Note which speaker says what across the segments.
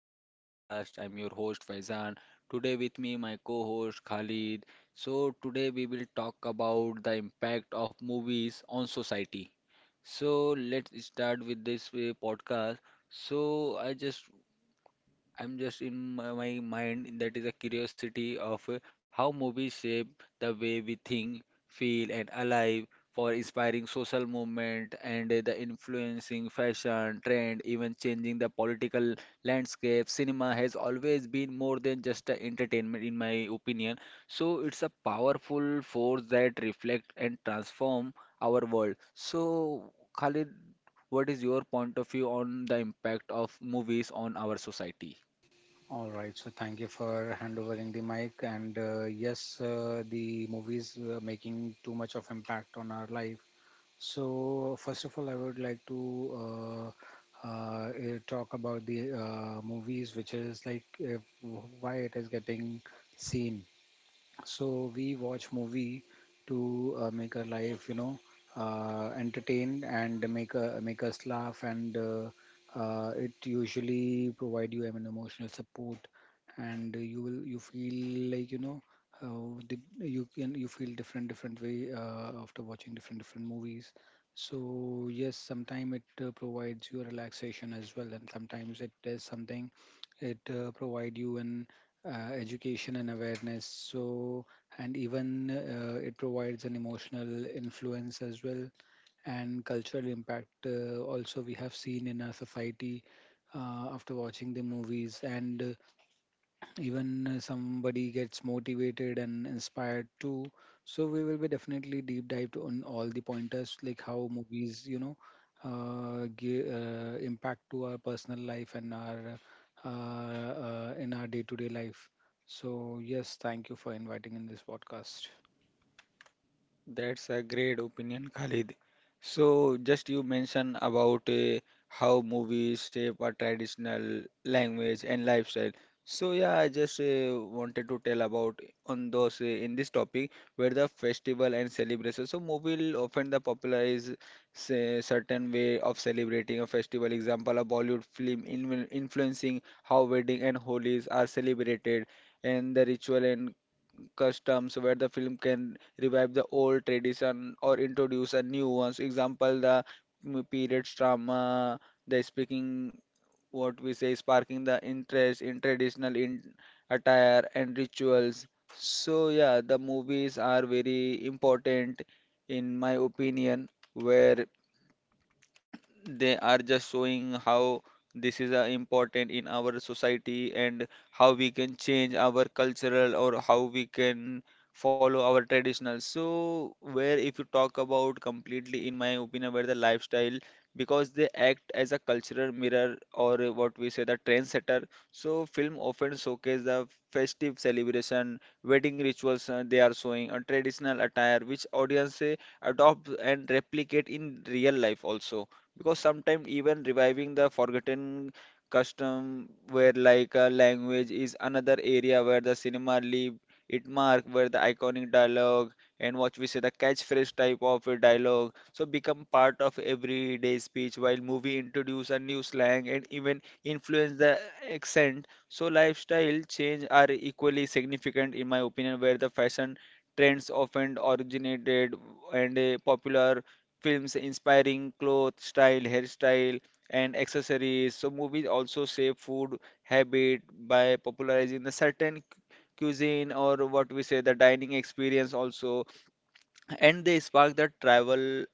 Speaker 1: to my podcast. I'm your host Faizan. Today with me my co-host Khalid. So today we will talk about the impact of movies on society. So let's start with this podcast. So I'm just in my mind that is a curiosity of how movies shape the way we think, feel, and alive for inspiring social movement and the influencing fashion, trend, even changing the political landscape. Cinema has always been more than just a entertainment, in my opinion. So it's a powerful force that reflect and transform our world. So, Khalid, what is your point of view on the impact of movies on our society?
Speaker 2: All right, so thank you for handovering the mic. The movies making too much of impact on our life. So first of all, I would like to talk about the movies, which is like if, why it is getting seen. So we watch movie to make our life, entertain and make us laugh, and it usually provide you emotional support, and you feel like you know the, you can you feel different different way after watching different different movies. So yes, sometimes it provides you a relaxation as well, and sometimes it does something it provide you an education and awareness. So and even it provides an emotional influence as well, and cultural impact also we have seen in our society after watching the movies, and even somebody gets motivated and inspired too. So we will be definitely deep dived on all the pointers, like how movies give, impact to our personal life and our in our day-to-day life. So yes, thank you for inviting in this podcast.
Speaker 1: That's a great opinion, Khalid. So, just you mentioned about how movies shape our traditional language and lifestyle. So, yeah, I just wanted to tell about on those in this topic where the festival and celebration. So, movie will often the popularize say, certain way of celebrating a festival. Example, a Bollywood film in influencing how wedding and holidays are celebrated and the ritual and customs where the film can revive the old tradition or introduce a new ones. Example, the period drama, the speaking, what we say, sparking the interest in traditional in attire and rituals. So yeah, the movies are very important in my opinion, where they are just showing how this is important in our society and how we can change our cultural or how we can follow our traditional, so where if you talk about completely in my opinion where the lifestyle because they act as a cultural mirror or what we say the trendsetter. So film often showcase the festive celebration wedding rituals, they are showing a traditional attire which audience adopt and replicate in real life also, because sometimes even reviving the forgotten custom where like a language is another area where the cinema leave it mark, where the iconic dialogue and what we say the catchphrase type of a dialogue so become part of everyday speech, while movie introduce a new slang and even influence the accent. So lifestyle change are equally significant in my opinion, where the fashion trends often originated and popular films inspiring clothes, style, hairstyle, and accessories. So movies also shape food habit by popularizing the certain cuisine or what we say the dining experience also, and they spark the travel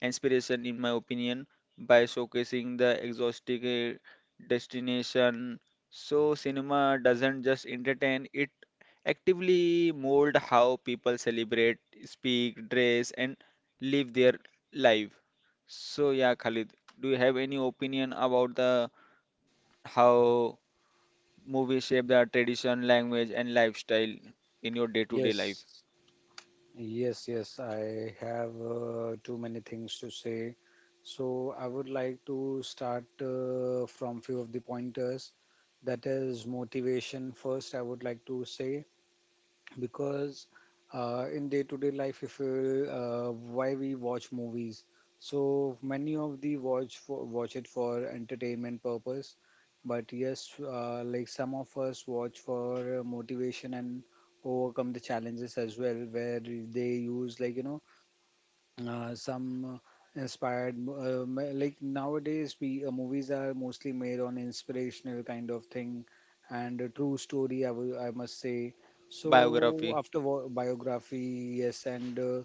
Speaker 1: inspiration, in my opinion, by showcasing the exotic destination. So, cinema doesn't just entertain, it actively mold how people celebrate, speak, dress, and live their life. So, yeah, Khalid, do you have any opinion about the how movies shape the tradition, language, and lifestyle in your day-to-day life?
Speaker 2: Yes, yes, yes. I have too many things to say. So I would like to start from few of the pointers. That is motivation first, I would like to say, because in day to day life, if you why we watch movies. So many of the watch it for entertainment purpose, but yes, like some of us watch for motivation and overcome the challenges as well, where they use some inspired like nowadays we movies are mostly made on inspirational kind of thing and a true story, I must say. So
Speaker 1: Biography,
Speaker 2: biography, yes, and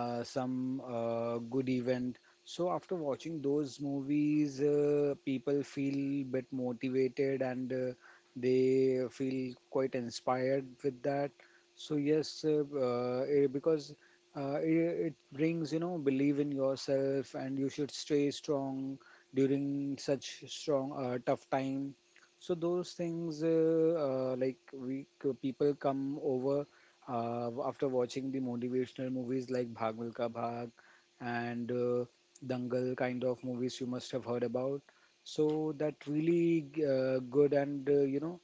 Speaker 2: some good event. So after watching those movies, people feel bit motivated, and they feel quite inspired with that. So yes, because uh, it, it brings, you know, believe in yourself, and you should stay strong during such strong tough time. So those things, people come over after watching the motivational movies like Bhag Milka Bhag and Dangal kind of movies you must have heard about. So that really good, and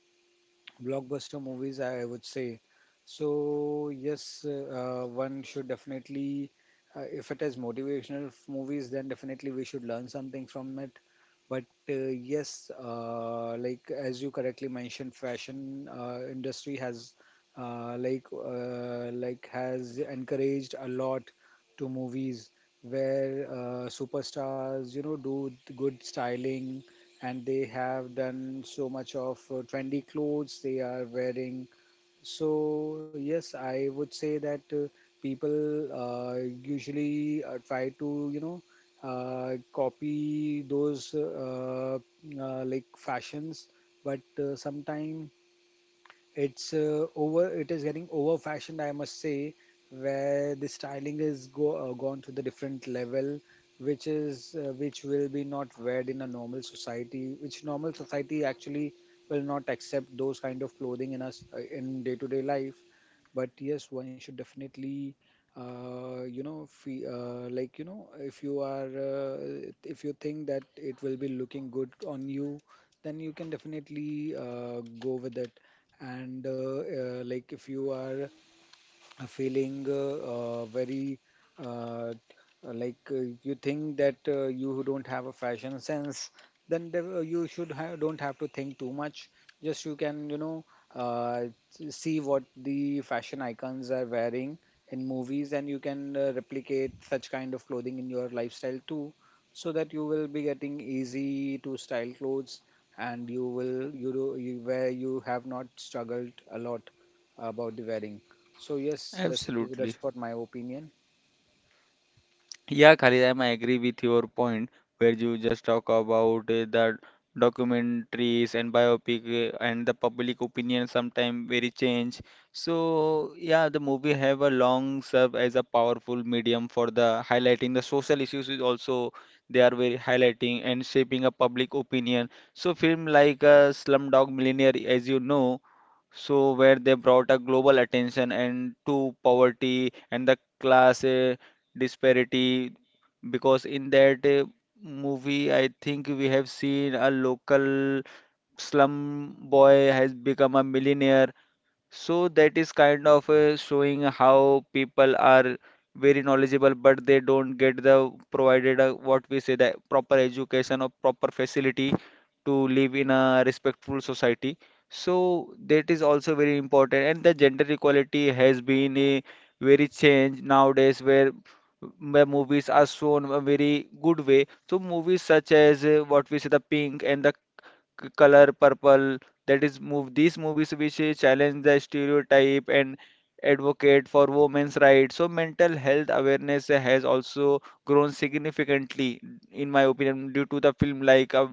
Speaker 2: blockbuster movies, I would say. So yes, one should definitely, if it is motivational movies, then definitely we should learn something from it. But uh, yes, like as you correctly mentioned, fashion industry has has encouraged a lot to movies, where superstars, you know, do good styling, and they have done so much of trendy clothes they are wearing. So yes, I would say that people usually try to, you know, copy those like fashions, but sometimes it is getting over fashioned, I must say, where the styling is go gone to the different level, which is which will be not weared in a normal society, which normal society actually will not accept those kind of clothing in us in day to day life. But yes, one should definitely like, you know, if you are if you think that it will be looking good on you, then you can definitely go with it. And like if you are feeling very uh, like you think that you don't have a fashion sense, then you don't have to think too much. Just you can, uh, see what the fashion icons are wearing in movies, and you can replicate such kind of clothing in your lifestyle too, so that you will be getting easy to style clothes, and you will you do you where you have not struggled a lot about the wearing. So yes, that's
Speaker 1: absolutely.
Speaker 2: what my opinion.
Speaker 1: Yeah, Khalid, I agree with your point where you just talk about the documentaries and biopic and the public opinion sometimes very change. So yeah, the movie have a long serve as a powerful medium for the highlighting the social issues is also, they are very highlighting and shaping a public opinion. So film like Slumdog Millionaire, as you know. So where they brought a global attention and to poverty and the class disparity, because in that movie I think we have seen a local slum boy has become a millionaire, so that is kind of showing how people are very knowledgeable, but they don't get the provided what we say the proper education or proper facility to live in a respectful society. So that is also very important. And the gender equality has been a very change nowadays where movies are shown a very good way. So movies such as what we say the Pink and the Color Purple, that is move these movies which challenge the stereotype and advocate for women's rights. So mental health awareness has also grown significantly in my opinion due to the film like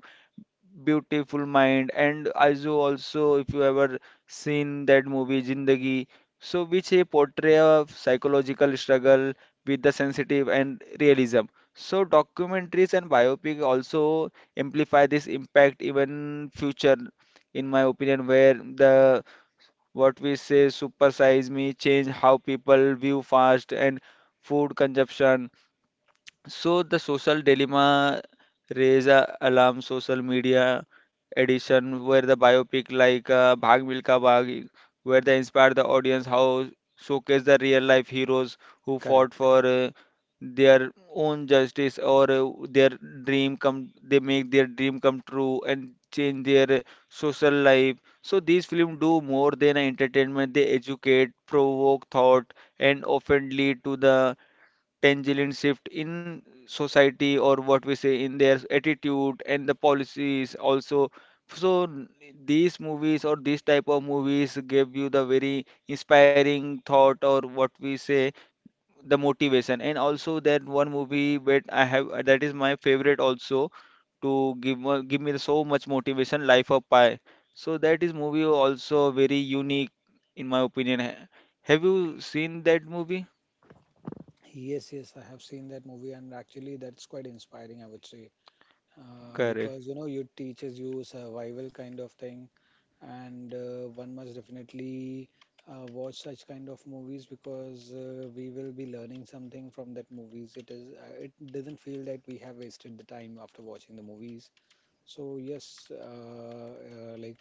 Speaker 1: Beautiful Mind, and also if you ever seen that movie Zindagi, so which a portray of psychological struggle with the sensitive and realism. So documentaries and biopic also amplify this impact even future, in my opinion, where the what we say Super Size Me change how people view fast and food consumption. So the Social Dilemma raise a alarm social media edition, where the biopic like Bhag Milka Bhag, where they inspire the audience how showcase the real life heroes who fought
Speaker 2: Correct.
Speaker 1: for their own justice or their dream come, they make their dream come true and change their social life. So these films do more than entertainment, they educate, provoke thought, and often lead to the tangential shift in society or what we say in their attitude and the policies also. So these movies or these type of movies give you the very inspiring thought or what we say the motivation, and also that one movie that I have that is my favorite also to give give me so much motivation, Life of Pi. So that is movie also very unique in my opinion. Have you seen that movie?
Speaker 2: Yes, yes, I have seen that movie, and actually, that's quite inspiring, I would say,
Speaker 1: Correct.
Speaker 2: because you know, it teaches you survival kind of thing, and one must definitely watch such kind of movies, because we will be learning something from that movies. It is, it doesn't feel that we have wasted the time after watching the movies. So yes, uh, uh, like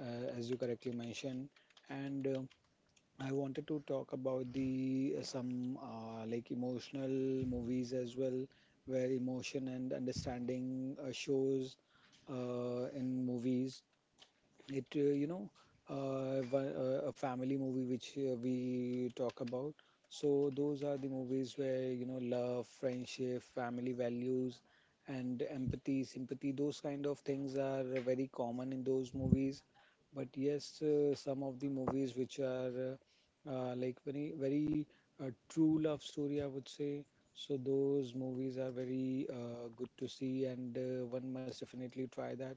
Speaker 2: uh, as you correctly mentioned, and I wanted to talk about the some like emotional movies as well, where emotion and understanding shows in movies. It you know one- A family movie which we talk about. So those are the movies where, you know, love, friendship, family values, and empathy, sympathy, those kind of things are very common in those movies. But yes, some of the movies which are very very true love story, I would say. So those movies are very good to see, and one must definitely try that.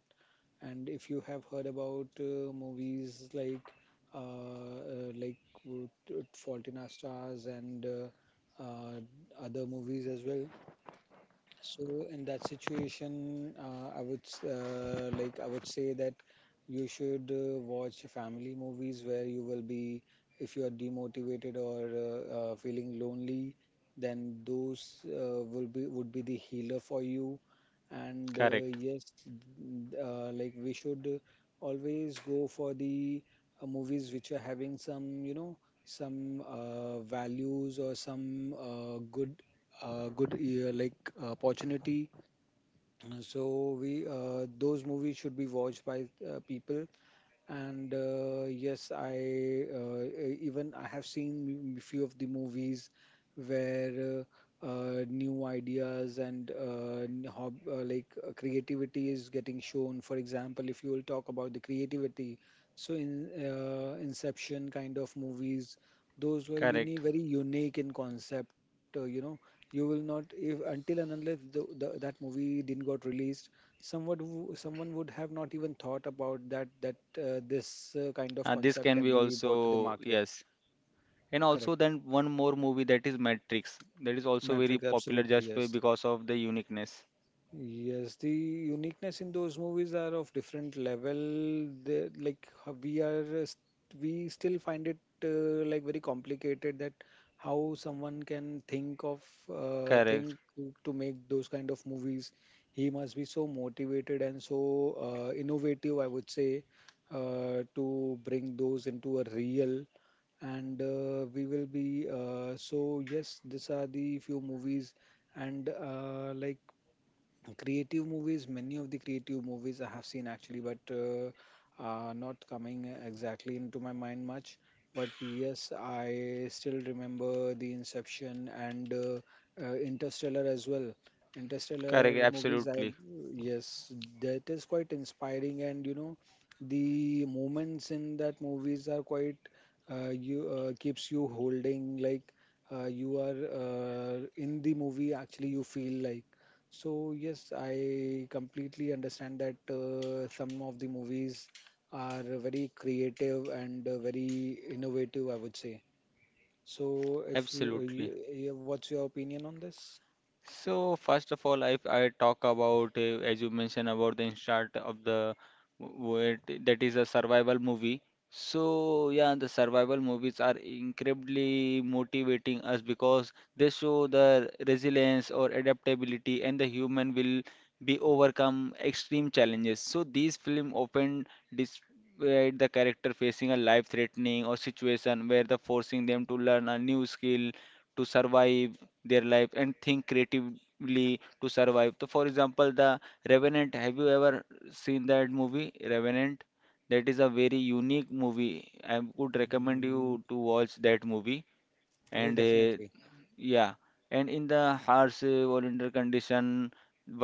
Speaker 2: And if you have heard about movies like uh, uh, like Fault in Our Stars and other movies as well, so in that situation, I would say that you should watch family movies, where you will be, if you are demotivated or feeling lonely, then those will be would be the healer for you. And yes, we should always go for the movies which are having some, you know, some values or some good good like opportunity. So we those movies should be watched by people. And yes, even I have seen few of the movies where new ideas and creativity is getting shown. For example, if you will talk about the creativity, so in inception kind of movies, those were
Speaker 1: Correct.
Speaker 2: very unique in concept, you will not, if until and unless the that movie didn't got released, someone would have not even thought about that this kind of
Speaker 1: This
Speaker 2: concept
Speaker 1: can
Speaker 2: can
Speaker 1: be
Speaker 2: be brought to the
Speaker 1: also,
Speaker 2: market.
Speaker 1: yes. And also
Speaker 2: Correct.
Speaker 1: then one more movie that is Matrix. That is also very
Speaker 2: Matrix,
Speaker 1: popular
Speaker 2: absolutely,
Speaker 1: just
Speaker 2: yes.
Speaker 1: because of the uniqueness.
Speaker 2: Yes, the uniqueness in those movies are of different level. Like how we are, we still find it like very complicated that how someone can think of
Speaker 1: Correct.
Speaker 2: think to make those kind of movies. He must be so motivated and so innovative, I would say, to bring those into a real. And we will be so yes, these are the few movies. And creative movies, many of the creative movies I have seen actually, but are not coming exactly into my mind much. But yes, I still remember the Inception and Interstellar as well.
Speaker 1: Correct.
Speaker 2: Interstellar movies, I,
Speaker 1: Absolutely.
Speaker 2: yes, that is quite inspiring, and you know, the moments in that movies are quite you keeps you holding. Like you are in the movie, actually, you feel like. So yes, I completely understand that some of the movies are very creative and very innovative, I would say. So if you,
Speaker 1: Absolutely.
Speaker 2: what's your opinion on this?
Speaker 1: So first of all, if I talk about, as you mentioned about the start of the where that is a survival movie. So yeah, the survival movies are incredibly motivating us because they show the resilience or adaptability and the human will be overcome extreme challenges. So these film often display the character facing a life-threatening or situation where the forcing them to learn a new skill to survive their life and think creatively to survive. So, for example, the Revenant. Have you ever seen that movie, Revenant? That is a very unique movie. I would recommend
Speaker 2: Mm,
Speaker 1: you to watch that movie.
Speaker 2: I will
Speaker 1: And
Speaker 2: definitely.
Speaker 1: yeah, and in the harsh volunteer condition,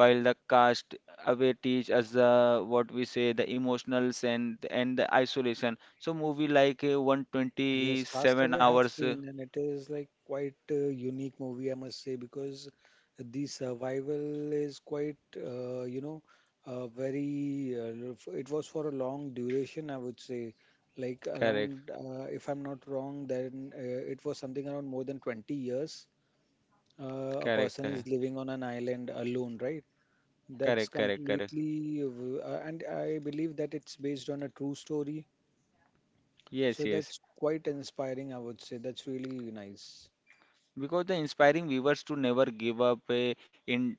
Speaker 1: while the cast away teach us what we say the emotionals and the isolation. So movie like
Speaker 2: Yes,
Speaker 1: 127
Speaker 2: Castaway I have
Speaker 1: hours. Uh,
Speaker 2: seen, and it is like quite a unique movie, I must say, because the survival is quite, it was for a long duration, I would say, like
Speaker 1: correct,
Speaker 2: around, if I'm not wrong, then it was something around more than 20 years. A
Speaker 1: correct,
Speaker 2: person is
Speaker 1: correct.
Speaker 2: living on an island alone, right? That's
Speaker 1: Correct, correct, correct.
Speaker 2: completely, and I believe that it's based on a true story,
Speaker 1: Yes,
Speaker 2: so
Speaker 1: yes.
Speaker 2: that's quite inspiring, I would say. That's really nice.
Speaker 1: Because the inspiring viewers to never give up in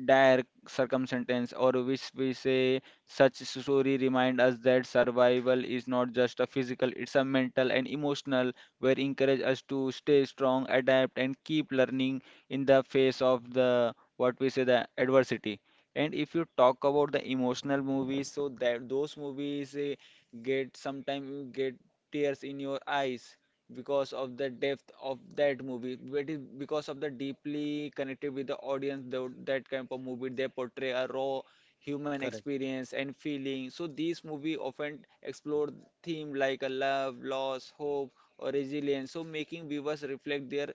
Speaker 1: dire circumstances, or which we say such story remind us that survival is not just a physical, it's a mental and emotional, where encourage us to stay strong, adapt, and keep learning in the face of the what we say the adversity. And if you talk about the emotional movies, so that those movies get sometimes you get tears in your eyes because of the depth of that movie, it is because of the deeply connected with the audience. That kind of movie they portray a raw human
Speaker 2: Correct,
Speaker 1: experience and feeling. So these movie often explore theme like a love, loss, hope, or resilience, so making viewers reflect their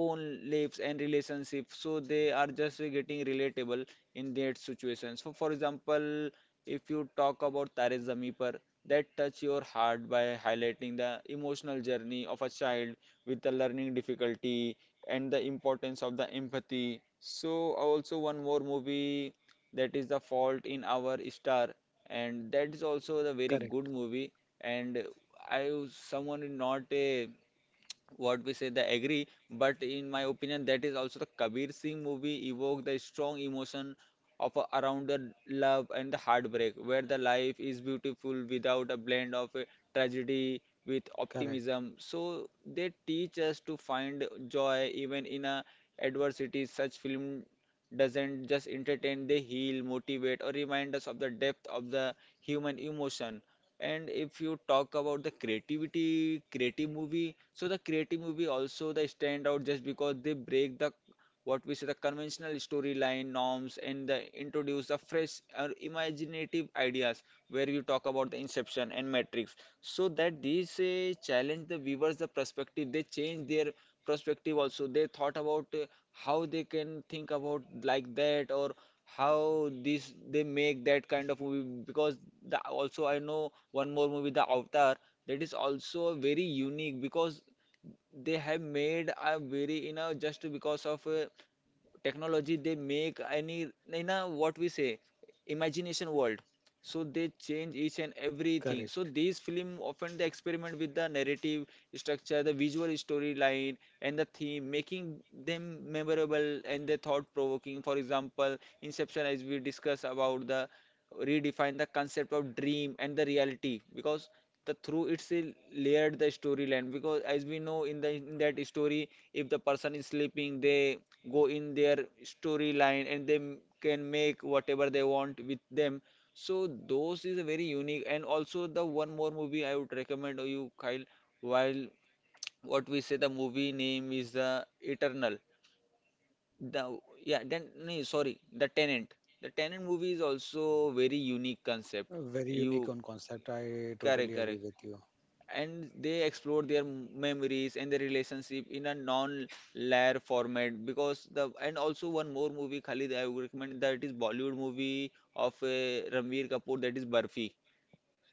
Speaker 1: own lives and relationships, so they are just getting relatable in their situations. So for example, if you talk about Tare Zameen Par, that touch your heart by highlighting the emotional journey of a child with a learning difficulty and the importance of the empathy. So, also one more movie that is The Fault in Our Star, and that is also a very good
Speaker 2: correct,
Speaker 1: movie. And I someone is not a what we say they agree, but in my opinion that is also the Kabir Singh movie evoke the strong emotion of around the love and the heartbreak, where the life is beautiful without a blend of tragedy with
Speaker 2: correct,
Speaker 1: optimism, so they teach us to find joy even in a adversity. Such film doesn't just entertain, they heal, motivate, or remind us of the depth of the human emotion. And if you talk about the creativity, creative movie, so the creative movie also they stand out just because they break the what we say the conventional storyline norms, and they introduce the fresh or imaginative ideas where you talk about the Inception and Matrix. So that these challenge the viewers the perspective, they change their perspective, also they thought about how they can think about like that or how this they make that kind of movie. Because the also I know one more movie, The Avatar, that is also very unique because they have made a very you know just because of technology they make any you know what we say imagination world, so they change each and everything. So
Speaker 2: correct.
Speaker 1: these film often they experiment with the narrative structure, the visual storyline, and the theme making them memorable and they thought provoking. For example, Inception, as we discuss about, the redefine the concept of dream and the reality, because the through it's a layered the storyline, because as we know in the in that story if the person is sleeping they go in their storyline and they can make whatever they want with them. So those is a very unique And also the one more movie I would recommend you, Kyle, while what we say, the movie name is the Eternal, the yeah, then no, no, sorry, the Tenant. The Tenant movie is also very unique concept.
Speaker 2: Very unique on
Speaker 1: You
Speaker 2: concept. I totally agree
Speaker 1: correct.
Speaker 2: with you.
Speaker 1: And they explore their memories and their relationship in a non-layer format because the and also one more movie, Khalid, I would recommend that it is Bollywood movie of Ranveer Kapoor, that is Barfi.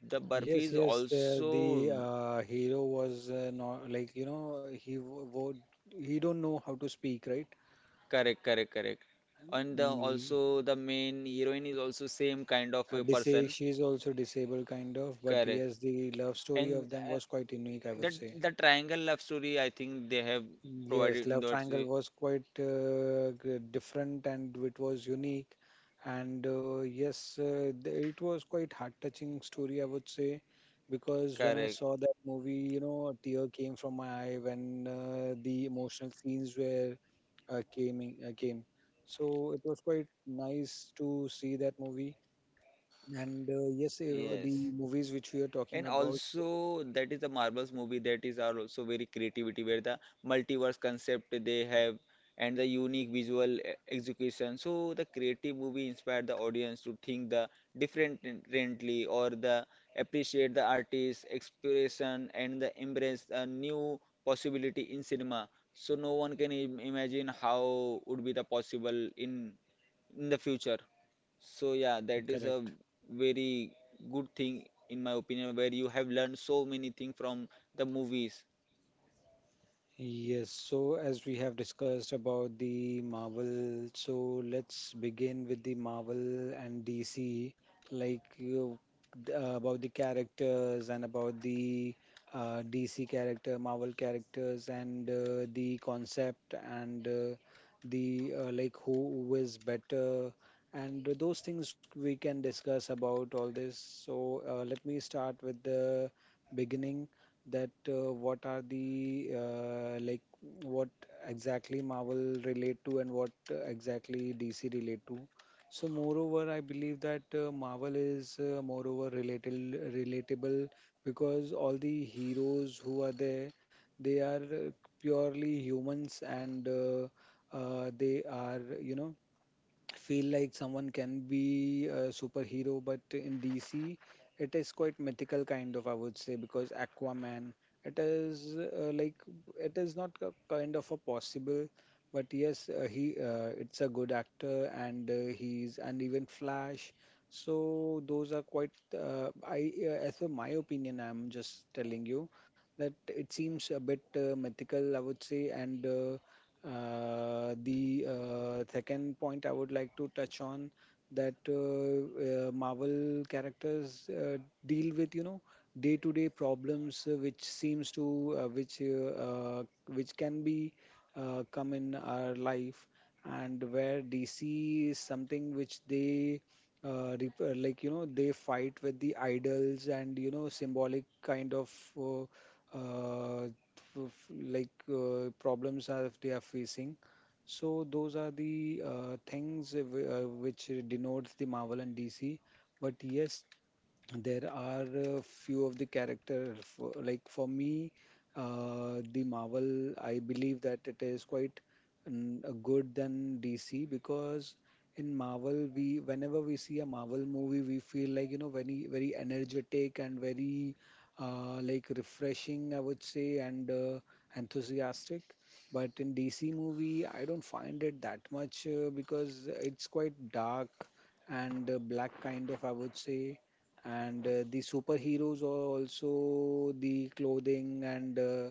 Speaker 1: The Barfi
Speaker 2: Yes,
Speaker 1: is
Speaker 2: yes. The the
Speaker 1: also
Speaker 2: uh, hero was not like, you know, he he don't know how to speak, right?
Speaker 1: correct, correct. And the,
Speaker 2: Me,
Speaker 1: also the main heroine is also same kind of a person.
Speaker 2: she's also disabled kind of, but
Speaker 1: Correct.
Speaker 2: yes, the love story
Speaker 1: And
Speaker 2: of them was quite unique, I would
Speaker 1: that
Speaker 2: say.
Speaker 1: the triangle love story, I think they have provided
Speaker 2: Yes,
Speaker 1: in
Speaker 2: Love
Speaker 1: that
Speaker 2: Triangle was quite different and it was unique. And yes, it was quite heart-touching story, I would say, because when I
Speaker 1: correct.
Speaker 2: saw that movie, you know, a tear came from my eye when the emotional scenes were came. So it was quite nice to see that movie. And yes, the
Speaker 1: Yes.
Speaker 2: movies which we are talking
Speaker 1: And
Speaker 2: about, so
Speaker 1: also that is the Marvels movie that is are also very creativity where the multiverse concept they have and the unique visual execution. So the creative movie inspired the audience to think the differently or the appreciate the artist's expression and the embrace a new possibility in cinema. So no one can imagine how would be the possible in the future. So yeah, that is a
Speaker 2: correct.
Speaker 1: very good thing in my opinion, where you have learned so many things from the movies
Speaker 2: Yes, so as we have discussed about the Marvel, so let's begin with the Marvel and DC, like you, about the characters and about the DC character, Marvel characters, and the concept, and the like who is better, and those things we can discuss about all this. So let me start with the beginning, that what are the like what exactly Marvel relate to, and what exactly DC relate to. So moreover, I believe that Marvel is moreover relatable because all the heroes who are there, they are purely humans, and they are I feel like someone can be a superhero. But in DC, it is quite mythical kind of, I would say, because Aquaman, it is like, it is not a kind of a possible. But yes, he it's a good actor, and he's, and even Flash. So those are quite. I As per my opinion, I'm just telling you that it seems a bit mythical, I would say. And. The second point I would like to touch on, that Marvel characters deal with day-to-day problems, which seems to which can be come in our life. And where DC is something which they like they fight with the idols, and symbolic kind uh, uh, of like problems are if they are facing. So those are the things which denotes the Marvel and DC. But yes, there are a few of the character for, like for me the Marvel, I believe that it is quite a good than DC, because in Marvel, we whenever we see a Marvel movie, we feel like very very energetic and very like refreshing, I would say, and enthusiastic. But in DC movie, I don't find it that much because it's quite dark and black kind of, I would say. And the superheroes are also the clothing, and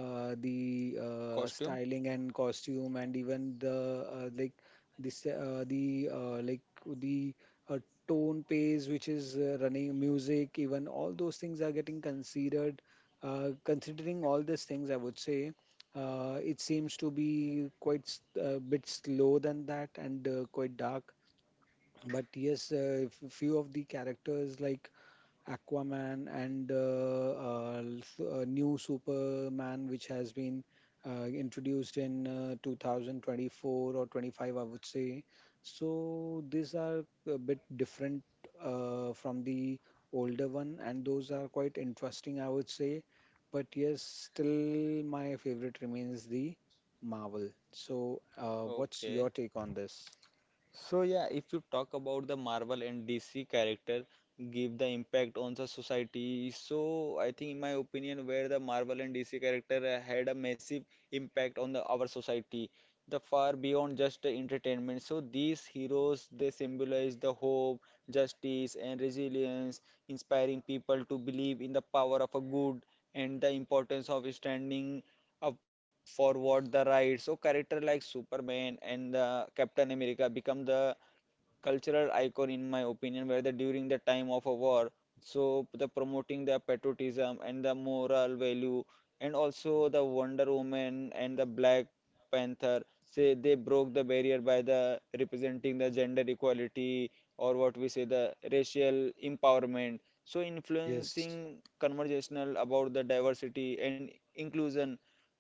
Speaker 2: the
Speaker 1: costume.
Speaker 2: styling and costume, and even the like this the like the uh, tone pays, which is running music. Even all those things are getting considered. Considering all these things, I would say it seems to be quite a bit slow than that, and quite dark. But yes, few of the characters, like Aquaman and new Superman, which has been introduced in 2024 or 25, I would say. So these are a bit different from the older one, and those are quite interesting, I would say. But yes, still my favorite remains the Marvel. So, what's your
Speaker 1: Okay.
Speaker 2: take on this?
Speaker 1: So yeah, if you talk about the Marvel and DC character give the impact on the society, so I think in my opinion where the Marvel and DC character had a massive impact on the our society, the far beyond just the entertainment. So these heroes they symbolize the hope, justice and resilience, inspiring people to believe in the power of a good and the importance of standing forward the right. So character like Superman and Captain America become the cultural icon in my opinion where the during the time of a war, so the promoting the patriotism and the moral value and also the Wonder Woman and the Black Panther, say they broke the barrier by the representing the gender equality or what we say the racial empowerment, so
Speaker 2: Yes.
Speaker 1: influencing conversational about the diversity and inclusion,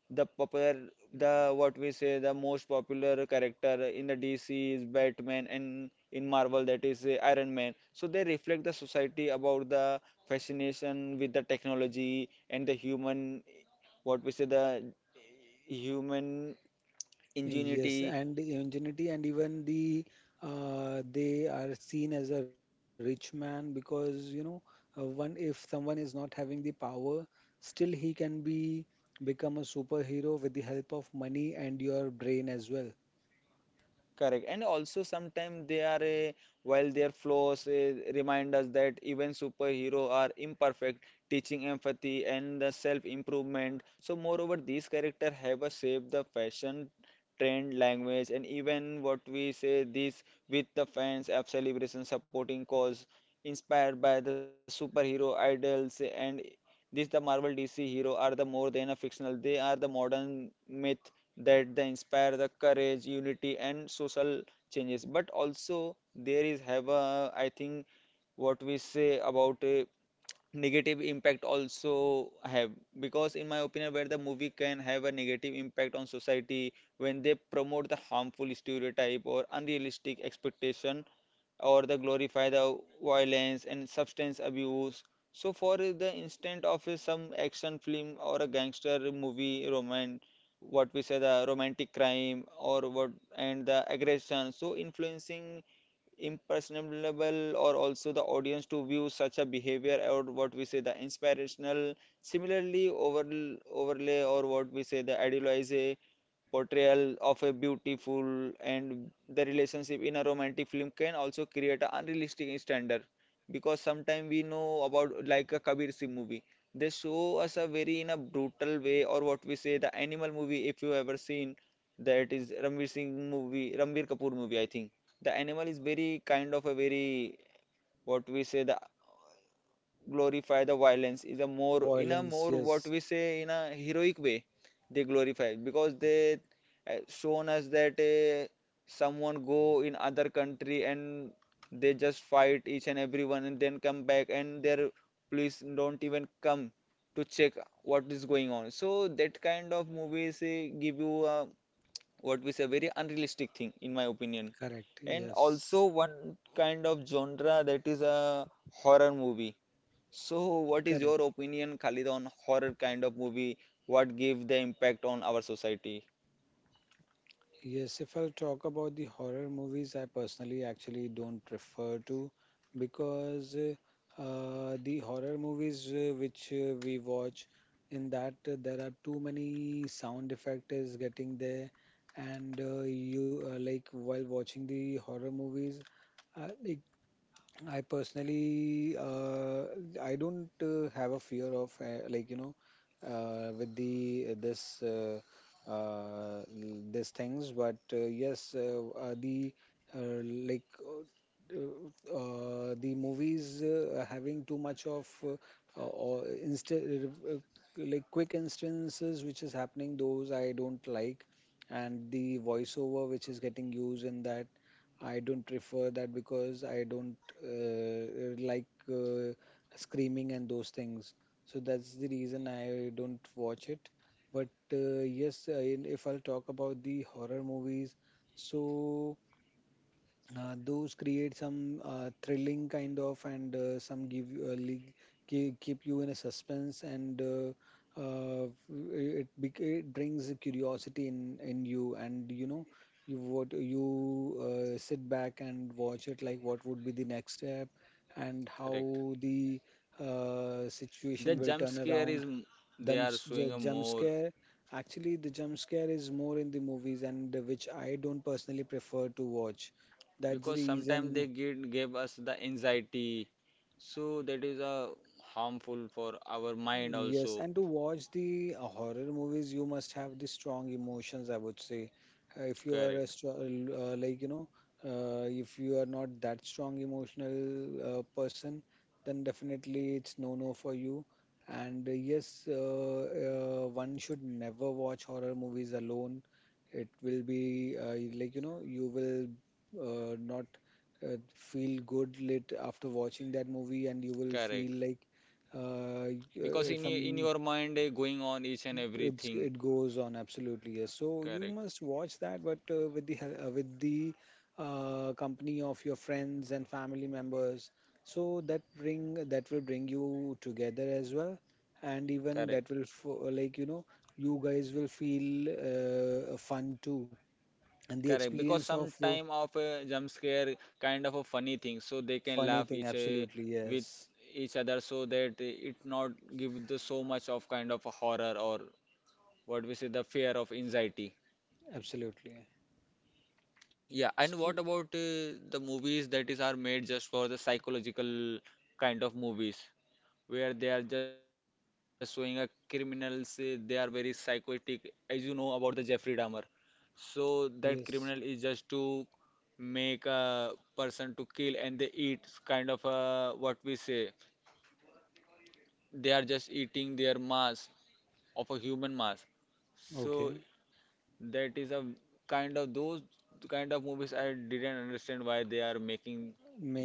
Speaker 1: the popular, the what we say the most popular character in the DC is Batman and in Marvel, that is Iron Man. So they reflect the society about the fascination with the technology and the human, what we say, the human
Speaker 2: Yes,
Speaker 1: ingenuity.
Speaker 2: and ingenuity. And even the they are seen as a rich man, because you know, one, if someone is not having the power, still he can be become a superhero with the help of money and your brain as well.
Speaker 1: Correct. And also sometimes they are a, while their flaws remind us that even superhero are imperfect, teaching empathy and the self-improvement. So moreover, these character have a shape the fashion, trend, language, and even what we say this with the fans, app celebration, supporting cause, inspired by the superhero idols and this the Marvel DC hero are the more than a fictional. They are the modern myth that they inspire the courage, unity, and social changes. But also there is have a I think what we say about a negative impact also have because in my opinion where the movie can have a negative impact on society when they promote the harmful stereotype or unrealistic expectation or the glorify the violence and substance abuse. So for the instant of a some action film or a gangster movie, romance, what we say the romantic crime or what and the aggression, so influencing impersonable or also the audience to view such a behavior or what we say the inspirational. Similarly, over overlay or what we say the idealize portrayal of a beautiful and the relationship in a romantic film can also create an unrealistic standard because sometimes we know about like a Kabir Singh movie, they show us a very in a brutal way or what we say the animal movie if you ever seen, that is Ranveer Singh movie, Ranveer Kapoor movie I think, the animal is very kind of a very what we say the glorify the violence is a more in a more
Speaker 2: Violence,
Speaker 1: what
Speaker 2: yes.
Speaker 1: we say in a heroic way, they glorify because they shown us that someone go in other country and they just fight each and everyone and then come back and their police don't even come to check what is going on, so that kind of movies give you what we say very unrealistic thing in my opinion.
Speaker 2: Correct,
Speaker 1: And
Speaker 2: yes.
Speaker 1: also one kind of genre that is a horror movie, so, what is
Speaker 2: Correct.
Speaker 1: your opinion, Khalid, on horror kind of movie? What give the impact on our society?
Speaker 2: Yes, if I'll talk about the horror movies, I personally actually don't prefer to, because the horror movies which we watch, in that there are too many sound effect is getting there. And you like while watching the horror movies, it I personally, I don't have a fear of like you know, with the this l- these things. But yes, the like the movies having too much of uh, or insta- uh, like quick instances which is happening, those I don't like. And the voiceover which is getting used in that, I don't prefer that, because I don't like uh, screaming and those things. So that's the reason I don't watch it. But yes, I, if I'll talk about the horror movies, so those create some thrilling kind of, and some give li- keep, keep you in a suspense. And it brings a curiosity in you, and you know you what you sit back and watch it, like what would be the next step and
Speaker 1: Correct.
Speaker 2: how the
Speaker 1: The
Speaker 2: situation will
Speaker 1: jump
Speaker 2: turn
Speaker 1: scare
Speaker 2: around.
Speaker 1: they are showing a
Speaker 2: Jump
Speaker 1: more
Speaker 2: scare. Actually, the jump scare is more in the movies, and which I don't personally prefer to watch. That's
Speaker 1: because
Speaker 2: the
Speaker 1: sometimes they
Speaker 2: reason.
Speaker 1: give us the anxiety, so that is a harmful for our mind also.
Speaker 2: Yes, and to watch the horror movies, you must have the strong emotions, I would say. If you are a
Speaker 1: Correct.
Speaker 2: strong, like, you know, if you are not that strong emotional person, then definitely it's no-no for you. And one should never watch horror movies alone. It will be like, you know, you will not feel good lit after watching that movie, and you will
Speaker 1: Correct.
Speaker 2: feel like uh,
Speaker 1: Because in
Speaker 2: some
Speaker 1: your mind going on each and everything.
Speaker 2: it goes on, absolutely yes. So you
Speaker 1: Correct.
Speaker 2: must watch that, but with the company of your friends and family members, so that bring that will bring you together as well. And even
Speaker 1: Correct.
Speaker 2: that will like you know, you guys will feel fun too, and the
Speaker 1: Correct, because
Speaker 2: experience of
Speaker 1: some time of a jump scare kind of a funny thing, so they can
Speaker 2: funny
Speaker 1: laugh
Speaker 2: thing,
Speaker 1: each
Speaker 2: absolutely
Speaker 1: with
Speaker 2: yes.
Speaker 1: each other, so that it not give the so much of kind of a horror or what we say the fear of anxiety.
Speaker 2: Absolutely.
Speaker 1: Yeah, and
Speaker 2: S
Speaker 1: what about the movies that is are made just for the psychological kind of movies, where they are just showing a criminals, they are very psychotic, as you know about the Jeffrey Dahmer. So that criminal is
Speaker 2: Yes.
Speaker 1: just to make a person to kill and they eat kind of what we say they are just eating their mass of a human mass, so
Speaker 2: Okay.
Speaker 1: that is a kind of those kind of movies I didn't understand why they are making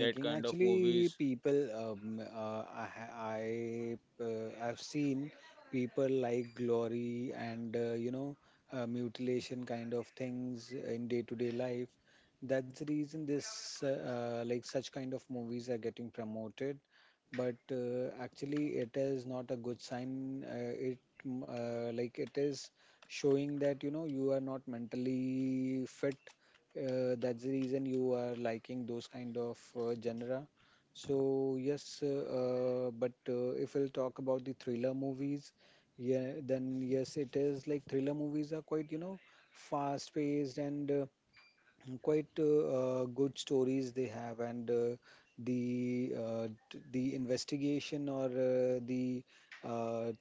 Speaker 1: that kind of
Speaker 2: actually
Speaker 1: movies.
Speaker 2: people I I've seen people like glory and mutilation kind of things in day-to-day life. That's the reason this like such kind of movies are getting promoted. But actually, it is not a good sign. Like, it is showing that you know, you are not mentally fit, that's the reason you are liking those kind of genre. So yes, but if we'll talk about the thriller movies, yeah, then yes, it is like thriller movies are quite, you know, fast-paced, and quite good stories they have. And the investigation, or the uh,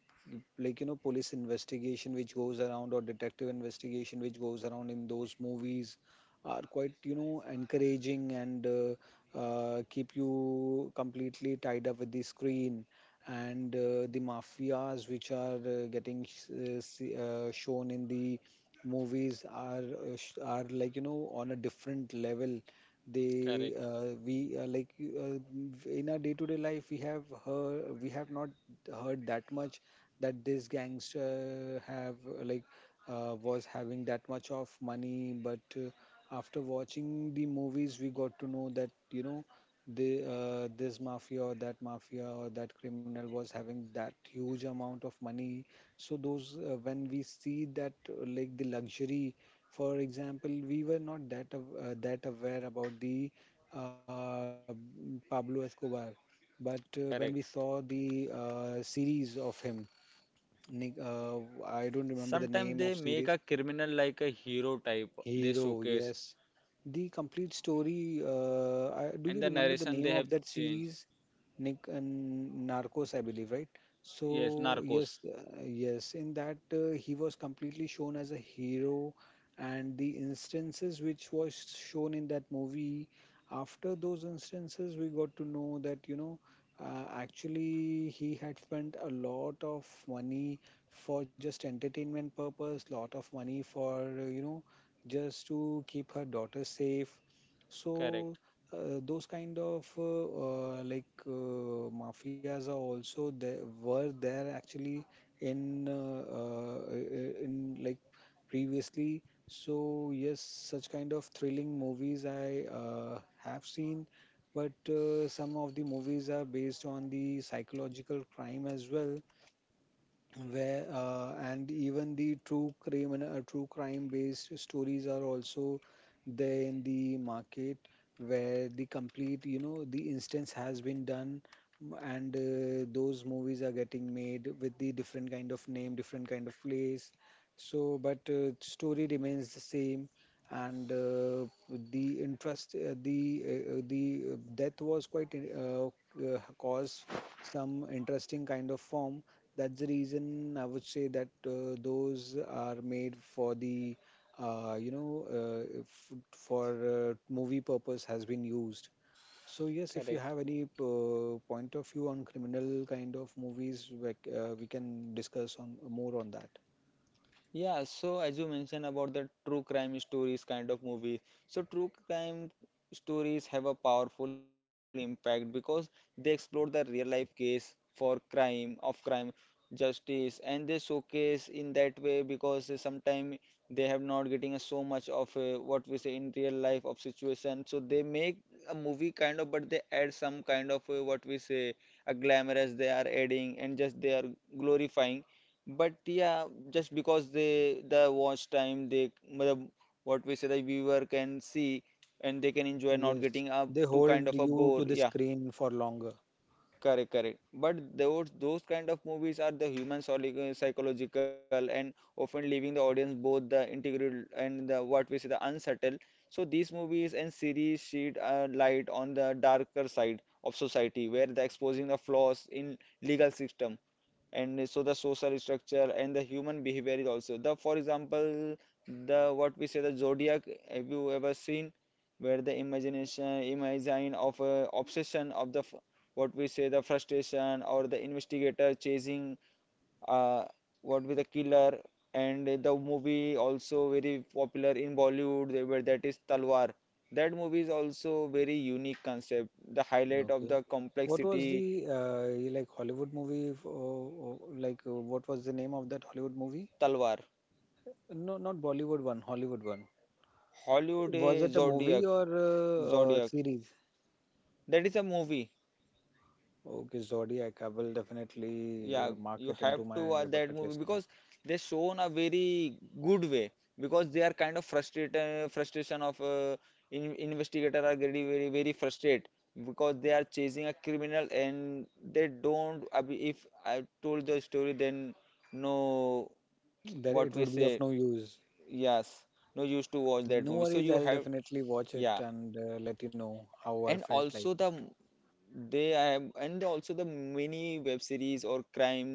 Speaker 2: like you know, police investigation which goes around, or detective investigation which goes around in those movies, are quite you know encouraging, and keep you completely tied up with the screen. And the mafias which are shown in the movies are are like you know on a different level. They
Speaker 1: Correct,
Speaker 2: we like you, v- In our day to day life, we have heard, we have not heard that much that this gangster have like was having that much of money. But after watching the movies, we got to know that you know, the this mafia or that criminal was having that huge amount of money. So those when we see that like the luxury, for example, we were not that that aware about the Pablo Escobar. But when we
Speaker 1: correct.
Speaker 2: saw the series of him, Nick, I don't remember the
Speaker 1: Sometimes they
Speaker 2: name of
Speaker 1: make a
Speaker 2: series.
Speaker 1: criminal like a hero type, they
Speaker 2: Hero,
Speaker 1: showcase
Speaker 2: yes. The complete story, I, do
Speaker 1: and the
Speaker 2: you remember the
Speaker 1: narration they
Speaker 2: name
Speaker 1: have
Speaker 2: of that
Speaker 1: changed.
Speaker 2: series? Nick and Narcos, I believe, right?
Speaker 1: Yes,
Speaker 2: So
Speaker 1: narcos.
Speaker 2: yes, yes, in that he was completely shown as a hero. And the instances which was shown in that movie, after those instances, we got to know that you know, actually he had spent a lot of money for just entertainment purpose, lot of money for you know, just to keep her daughter safe.
Speaker 1: Correct,
Speaker 2: So those kind of like mafias are also there, were there actually in like previously. So yes, such kind of thrilling movies I have seen. But some of the movies are based on the psychological crime as well, where and even the true crime, and true crime based stories are also there in the market, where the complete you know the instance has been done. M- and Those movies are getting made with the different kind of name, different kind of place. So but story remains the same. And the interest the death was quite caused some interesting kind of form. That's the reason I would say that those are made for the, you know, f for movie purpose has been used. So yes, if you
Speaker 1: correct.
Speaker 2: have any point of view on criminal kind of movies, we can discuss on more on that.
Speaker 1: Yeah, so as you mentioned about the true crime stories kind of movies, so true crime stories have a powerful impact because they explore the real life case for crime, of crime, justice, and they showcase in that way because sometimes they have not getting a so much of a, what we say in real life of situation. So they make a movie kind of, but they add some kind of a, what we say a glamour as they are adding and just they are glorifying, but yeah, just because they the watch time they matlab, what we say the viewer can see and they can enjoy not getting
Speaker 2: Yes,
Speaker 1: up
Speaker 2: they
Speaker 1: to kind of
Speaker 2: hold
Speaker 1: a bore.
Speaker 2: you to the
Speaker 1: Yeah,
Speaker 2: screen for longer.
Speaker 1: correct, correct. But those kind of movies are the human psychological and often leaving the audience both the integral and the what we say the unsettled. So these movies and series shed a light on the darker side of society where the exposing the flaws in legal system and so the social structure and the human behavior is also the for example the what we say the Zodiac, have you ever seen where the imagination imagine of obsession of the what we say the frustration or the investigator chasing uh, what with the killer, and the movie also very popular in Bollywood they were, that is Talwar, that movie is also very unique concept the highlight of the
Speaker 2: Okay. What was
Speaker 1: complexity.
Speaker 2: the like Hollywood movie? Like what was the name of that Hollywood movie?
Speaker 1: Talwar.
Speaker 2: No, not Bollywood one, Hollywood one.
Speaker 1: Hollywood
Speaker 2: Was it a
Speaker 1: Zodiac.
Speaker 2: movie or a, uh,
Speaker 1: Zodiac.
Speaker 2: series?
Speaker 1: That is a movie.
Speaker 2: Okay, Zodiac. I will definitely
Speaker 1: Yeah,
Speaker 2: mark
Speaker 1: you
Speaker 2: it
Speaker 1: have
Speaker 2: into
Speaker 1: to
Speaker 2: my
Speaker 1: watch that
Speaker 2: bucket
Speaker 1: movie
Speaker 2: list. Yeah,
Speaker 1: because they shown a very good way because they are kind of frustrated frustration of in, investigator are very very very frustrated because they are chasing a criminal and they don't. I mean, if I told the story then no,
Speaker 2: that
Speaker 1: what
Speaker 2: it
Speaker 1: we
Speaker 2: would be
Speaker 1: say,
Speaker 2: of no use.
Speaker 1: yes, no use to watch that
Speaker 2: No
Speaker 1: movie, so
Speaker 2: worries.
Speaker 1: you
Speaker 2: I'll
Speaker 1: have,
Speaker 2: definitely watch it
Speaker 1: yeah.
Speaker 2: and let you know how I
Speaker 1: And
Speaker 2: felt like.
Speaker 1: also the they have, and also the many web series or crime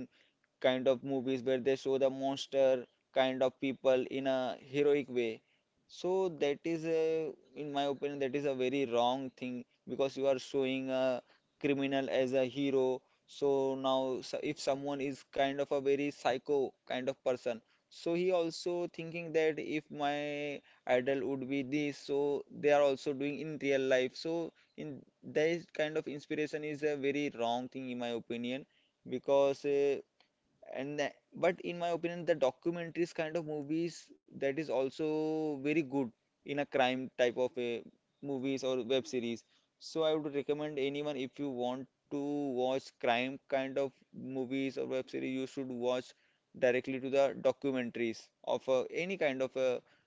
Speaker 1: kind of movies where they show the monster kind of people in a heroic way. So that is a, in my opinion, that is a very wrong thing because you are showing a criminal as a hero. So now, so if someone is kind of a very psycho kind of person, so he also thinking that if my idol would be this, so they are also doing in real life. So in that kind of inspiration is a very wrong thing in my opinion because and the- but in my opinion the documentaries kind of movies that is also very good in a crime type of a movies or web series, so I would recommend anyone if you want to watch crime kind of movies or web series you should watch directly to the documentaries of any kind of a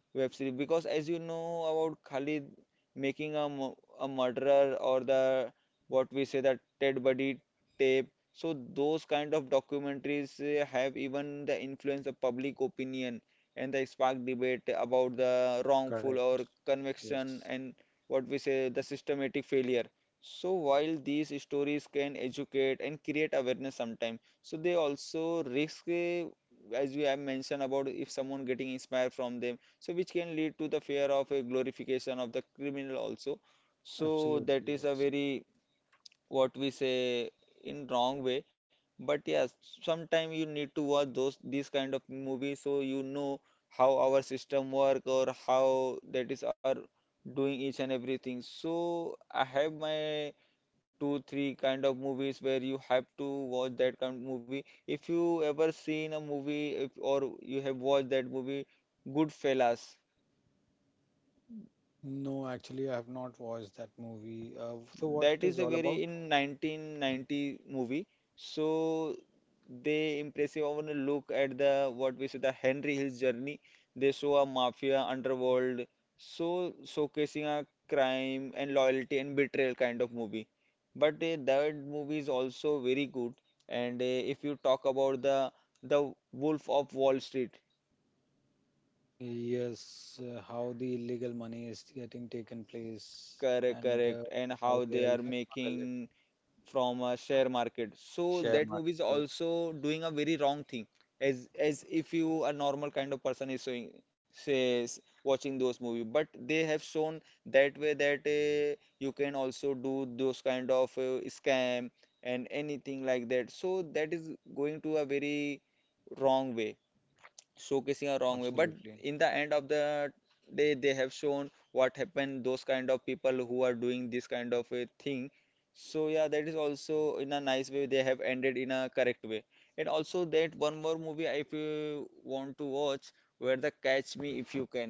Speaker 1: web series because as you know about Khalid, making a, a murderer or the what we say that Ted Buddy tape, so those kind of documentaries have even the influence of public opinion and they spark debate about the wrongful or
Speaker 2: Correct.
Speaker 1: conviction
Speaker 2: Yes.
Speaker 1: and what we say the systematic failure. So while these stories can educate and create awareness sometimes, so they also risk, as we have mentioned about if someone getting inspired from them, so which can lead to the fear of a glorification of the criminal also. So that is
Speaker 2: Absolutely.
Speaker 1: a
Speaker 2: Yes.
Speaker 1: very what we say in wrong way. But yes, sometime you need to watch those these kind of movie so you know how our system work or how that is are doing each and everything. So I have my two three kind of movies where you have to watch that kind of movie. If you ever seen a movie if, or you have watched that movie Goodfellas,
Speaker 2: No, actually, I have not watched that movie. So,
Speaker 1: that
Speaker 2: what
Speaker 1: is a
Speaker 2: it is
Speaker 1: very
Speaker 2: all about?
Speaker 1: in 1990 movie. So they impressive. I want to look at the what we say the Henry Hill's journey. They show a mafia underworld, so showcasing a crime and loyalty and betrayal kind of movie. But that movie is also very good. And if you talk about the Wolf of Wall Street,
Speaker 2: Yes, how the illegal money is getting taken place
Speaker 1: correct,
Speaker 2: and
Speaker 1: correct, and how
Speaker 2: how
Speaker 1: they
Speaker 2: they
Speaker 1: are
Speaker 2: are, you know, smuggle it,
Speaker 1: making from a share market, so that
Speaker 2: share
Speaker 1: movie is
Speaker 2: market.
Speaker 1: also doing a very wrong thing. As if you a normal kind of person is showing, says watching those movie, but they have shown that way that you can also do those kind of scam and anything like that, so that is going to a very wrong way, showcasing a wrong way. But
Speaker 2: Absolutely.
Speaker 1: in the end of the day, they have shown what happened those kind of people who are doing this kind of a thing. So yeah, that is also in a nice way they have ended in a correct way. And also that one more movie if you want to watch, where the catch me if you can,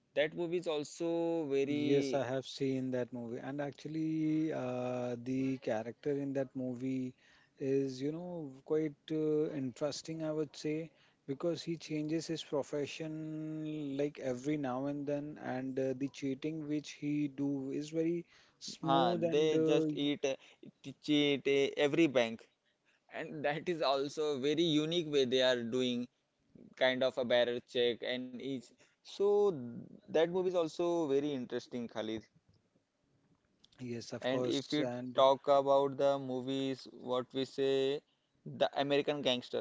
Speaker 1: that movie is also very
Speaker 2: Yes, I have seen that movie, and actually, the character in that movie is, you know, quite interesting, I would say, because he changes his profession like every now and then, and the cheating which he do is very
Speaker 1: huh.
Speaker 2: smooth
Speaker 1: They
Speaker 2: and
Speaker 1: just eat cheat every bank, and that is also very unique way they are doing kind of a barrier check and each. So that movie is also very interesting, Khalid.
Speaker 2: yes,
Speaker 1: And
Speaker 2: of
Speaker 1: if you
Speaker 2: course, and
Speaker 1: talk about the movies what we say the American Gangster,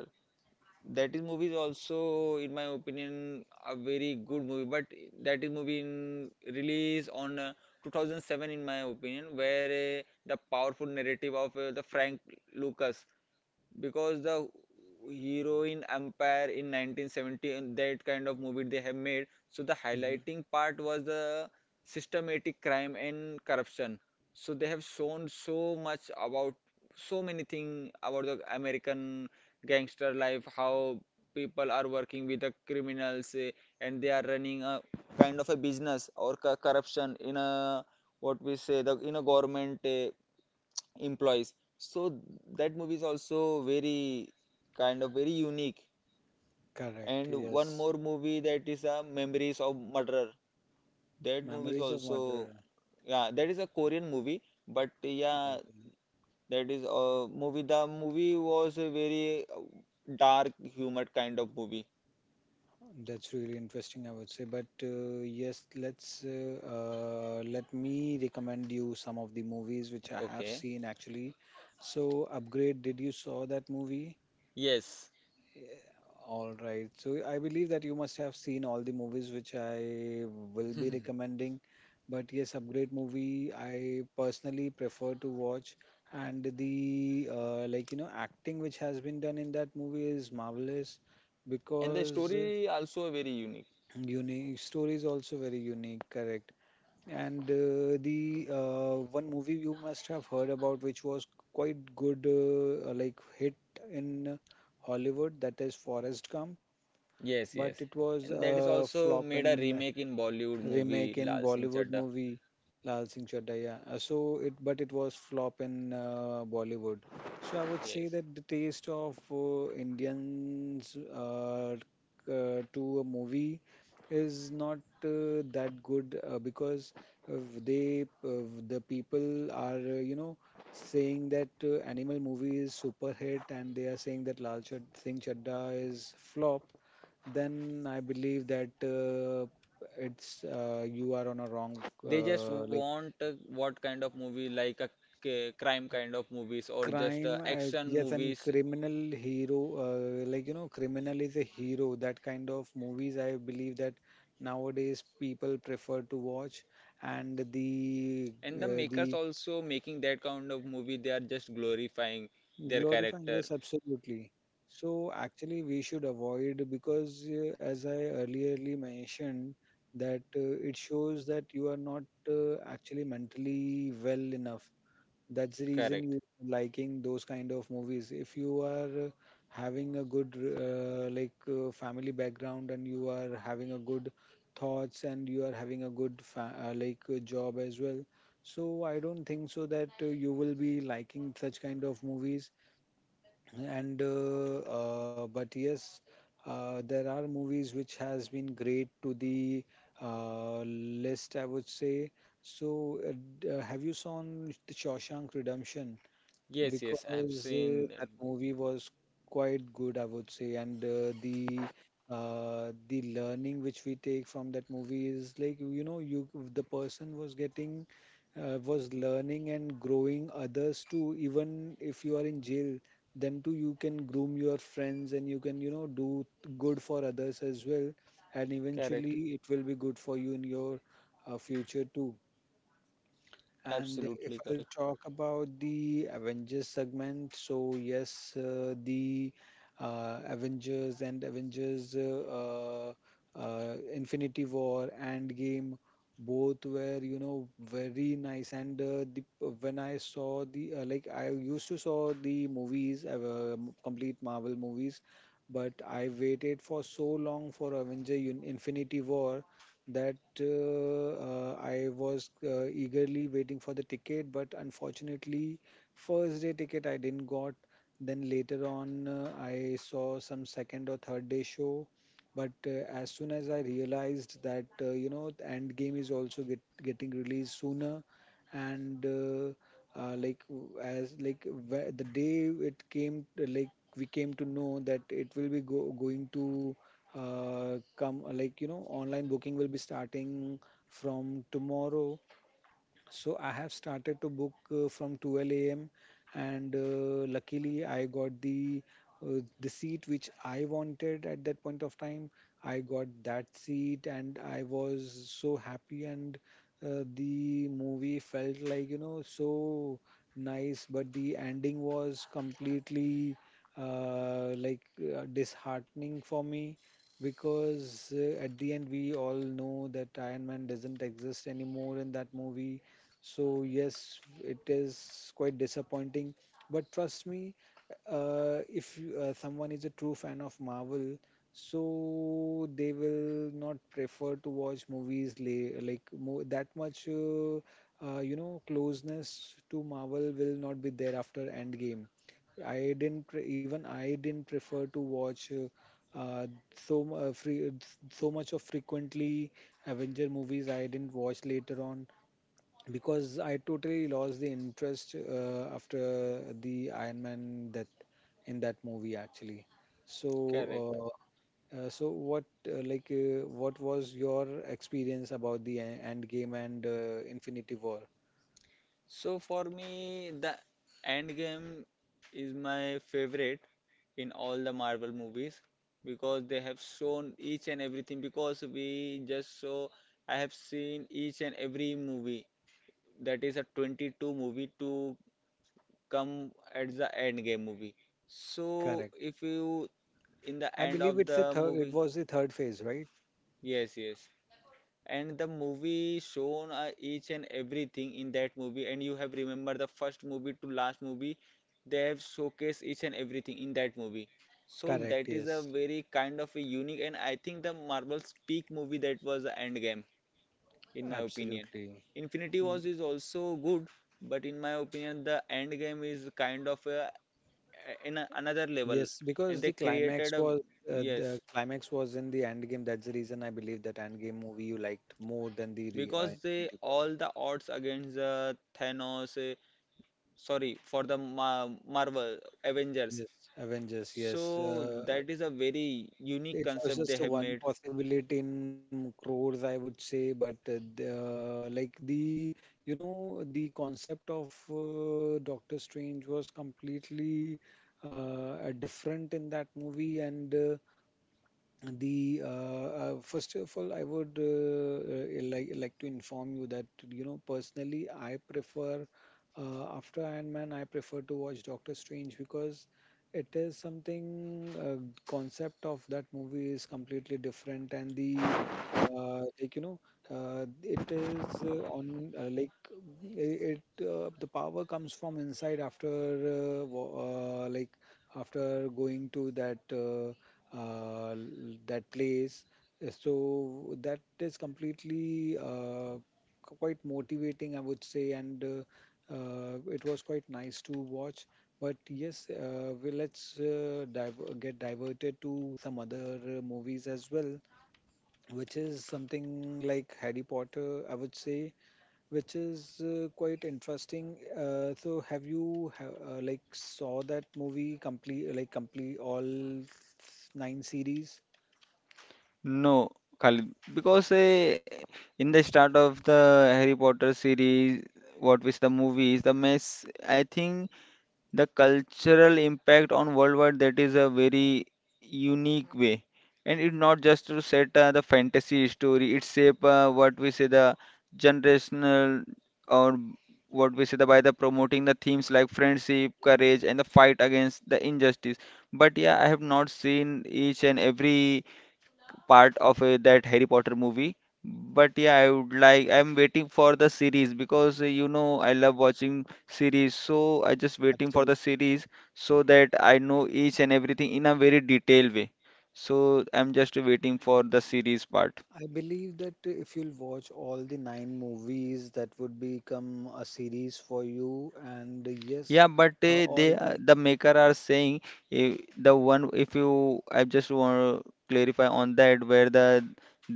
Speaker 1: that is movie is also in my opinion a very good movie. But that is movie in release on 2007 in my opinion, where the powerful narrative of the Frank Lucas, because the heroine Empire in 1970 and that kind of movie they have made. So the
Speaker 2: mhm.
Speaker 1: highlighting part was the systematic crime and corruption. So they have shown so much about so many things about the American gangster life, how people are working with the criminals eh, and they are running a kind of a business or co- corruption in a what we say the in a government employees. So that movie is also very kind of very unique.
Speaker 2: Correct,
Speaker 1: And one more
Speaker 2: yes,
Speaker 1: movie, that is Memories of Murderer. That movie is
Speaker 2: memories of
Speaker 1: also
Speaker 2: murder.
Speaker 1: yeah, that is a Korean movie, but yeah,
Speaker 2: Okay.
Speaker 1: that is a movie. The movie was a very dark humored kind of movie.
Speaker 2: That's really interesting, I would say. But yes, let's let me recommend you some of the movies which I have
Speaker 1: Okay.
Speaker 2: seen actually. So, Upgrade, did you saw that movie?
Speaker 1: Yes.
Speaker 2: All right. So, I believe that you must have seen all the movies which I will be
Speaker 1: And
Speaker 2: recommending. But yes, Upgrade movie I personally prefer to watch, and the like you know acting which has been done in that movie is marvelous
Speaker 1: the
Speaker 2: because
Speaker 1: story also very unique.
Speaker 2: unique story is also very unique, correct. And the one movie you must have heard about, which was quite good, like hit in Hollywood, that is Forrest Gump.
Speaker 1: Yes,
Speaker 2: But it
Speaker 1: yes.
Speaker 2: was
Speaker 1: And that is
Speaker 2: a
Speaker 1: also
Speaker 2: flop
Speaker 1: made a
Speaker 2: in
Speaker 1: remake in Bollywood movie
Speaker 2: remake
Speaker 1: Lal
Speaker 2: in
Speaker 1: Singh
Speaker 2: Bollywood
Speaker 1: Chadda.
Speaker 2: movie Lal Singh Chaddha. Yeah. So it, but it was flop in Bollywood. So I would say
Speaker 1: Yes.
Speaker 2: that the taste of Indians to a movie is not that good because uh, the people are you know saying that animal movie is super hit and they are saying that Singh Chadda is flop then I believe that it's you are on a wrong
Speaker 1: They just
Speaker 2: like
Speaker 1: want what kind of movie, like a c- crime kind of movies or just
Speaker 2: crime.
Speaker 1: action
Speaker 2: Yes, and
Speaker 1: movies.
Speaker 2: criminal hero, like you know, criminal is a hero. That kind of movies, I believe that nowadays people prefer to watch, and the
Speaker 1: And the
Speaker 2: uh,
Speaker 1: makers
Speaker 2: the
Speaker 1: also making that kind of movie, they are just glorifying their
Speaker 2: glorifying,
Speaker 1: character.
Speaker 2: yes, absolutely. So actually, we should avoid because, as I earlierly mentioned, that it shows that you are not actually mentally well enough. That's the reason
Speaker 1: Correct.
Speaker 2: you liking those kind of movies. If you are having a good family background and you are having a good thoughts and you are having a good fa like job as well. So I don't think so that you will be liking such kind of movies and but yes there are movies which has been great to the list I would say so have you seen the Shawshank Redemption
Speaker 1: Yes, yes, I have
Speaker 2: because
Speaker 1: seen that.
Speaker 2: that movie was quite good, I would say, and the learning which we take from that movie is like you know you the person was getting was learning and growing others too. Even if you are in jail, then too you can groom your friends and you can you know do good for others as well, and
Speaker 1: Correct.
Speaker 2: eventually it will be good for you in your future too. And if
Speaker 1: Absolutely
Speaker 2: I'll
Speaker 1: correct.
Speaker 2: talk about the Avengers segment, so yes, the Avengers and Avengers Infinity War and Game both were you know very nice. And the when I saw the like I used to saw the movies, complete Marvel movies, but I waited for so long for Infinity War that I was eagerly waiting for the ticket, but unfortunately, first day ticket I didn't got. Then later on, I saw some second or third day show. But as soon as I realized that you know Endgame is also getting released sooner, and the day it came, we came to know that it will be going to come like you know online booking will be starting from tomorrow so I have started to book from 12 a.m. and luckily I got the seat which I wanted at that point of time. I got that seat and I was so happy and the movie felt like you know so nice, but the ending was completely uh, like disheartening for me because at the end we all know that Iron Man doesn't exist anymore in that movie so yes, it is quite disappointing. But trust me, if someone is a true fan of Marvel, so they will not prefer to watch movies la- like mo that much. You know, closeness to Marvel will not be there after Endgame. I didn't pre- Even I didn't prefer to watch uh, so mu- uh, free, so much of frequently Avenger movies. I didn't watch later on because I totally lost the interest after the Iron Man that in that movie actually. So,
Speaker 1: Correct.
Speaker 2: so what what was your experience about end game and Infinity War?
Speaker 1: So for me, the end game is my favorite in all the Marvel movies, because they have shown each and everything. Because we just saw, I have seen each and every movie, that is a 22 movie to come at the end game movie.
Speaker 2: Correct.
Speaker 1: So if you in
Speaker 2: I
Speaker 1: the
Speaker 2: believe
Speaker 1: end
Speaker 2: it's a
Speaker 1: of
Speaker 2: third.
Speaker 1: the
Speaker 2: It was
Speaker 1: movie,
Speaker 2: the third phase, right?
Speaker 1: yes, yes, and the movie shown each and everything in that movie, and you have remember the first movie to last movie, they have showcased each and everything in that movie. So
Speaker 2: Correct.
Speaker 1: that is
Speaker 2: Yes.
Speaker 1: a very kind of a unique, and I think the Marvel's peak movie, that was the endgame. In my opinion,
Speaker 2: Absolutely.
Speaker 1: Infinity
Speaker 2: Y-
Speaker 1: Wars is also good, but in my opinion, the endgame is kind of a, in a, another
Speaker 2: Yes,
Speaker 1: level.
Speaker 2: because
Speaker 1: And they created a
Speaker 2: the
Speaker 1: yes,
Speaker 2: climax was in the end game. That's the reason I believe that end game movie you liked more than the re
Speaker 1: because
Speaker 2: Infinity
Speaker 1: they
Speaker 2: War.
Speaker 1: all the odds against the Thanos sorry for the Ma- Marvel Avengers.
Speaker 2: Yes, Avengers. Yes,
Speaker 1: So that is a very
Speaker 2: it
Speaker 1: unique
Speaker 2: was just
Speaker 1: concept
Speaker 2: a
Speaker 1: they have
Speaker 2: one
Speaker 1: made.
Speaker 2: possibility in crores, I would say. But the you know the concept of Doctor Strange was completely uh, different in that movie, and the first of all I would like to inform you that you know personally I prefer after Iron Man I prefer to watch Doctor Strange because it is something concept of that movie is completely different and the like you know it is on like I- it the power comes from inside after after going to that uh, l- that place. So that is completely quite motivating, I would say, and it was quite nice to watch. But yes, we let's dive get diverted to some other movies as well which is something like Harry Potter, I would say, which is quite interesting. So have you ha like saw that movie complete like complete all nine series?
Speaker 1: No, Khalid, because in the start of the Harry Potter series, what was the movies, the mess, I think. The cultural impact on worldwide, that is a very unique way, and it's not just to set the fantasy story, it's shape what we say the generational or what we say the, by the promoting the themes like friendship, courage, and the fight against the injustice. But yeah, I have not seen each and every part of that Harry Potter movie. But yeah, I would like, I'm waiting for the series, because you know I love watching series, so I just waiting for
Speaker 2: Absolutely.
Speaker 1: the series so that I know each and everything in a very detailed way. So I'm just waiting for the series part.
Speaker 2: I believe that if you'll watch all the nine movies, that would become a series for you. And yes,
Speaker 1: Yeah, but they
Speaker 2: all the
Speaker 1: the maker are saying if the one if you I just want to clarify on that, where the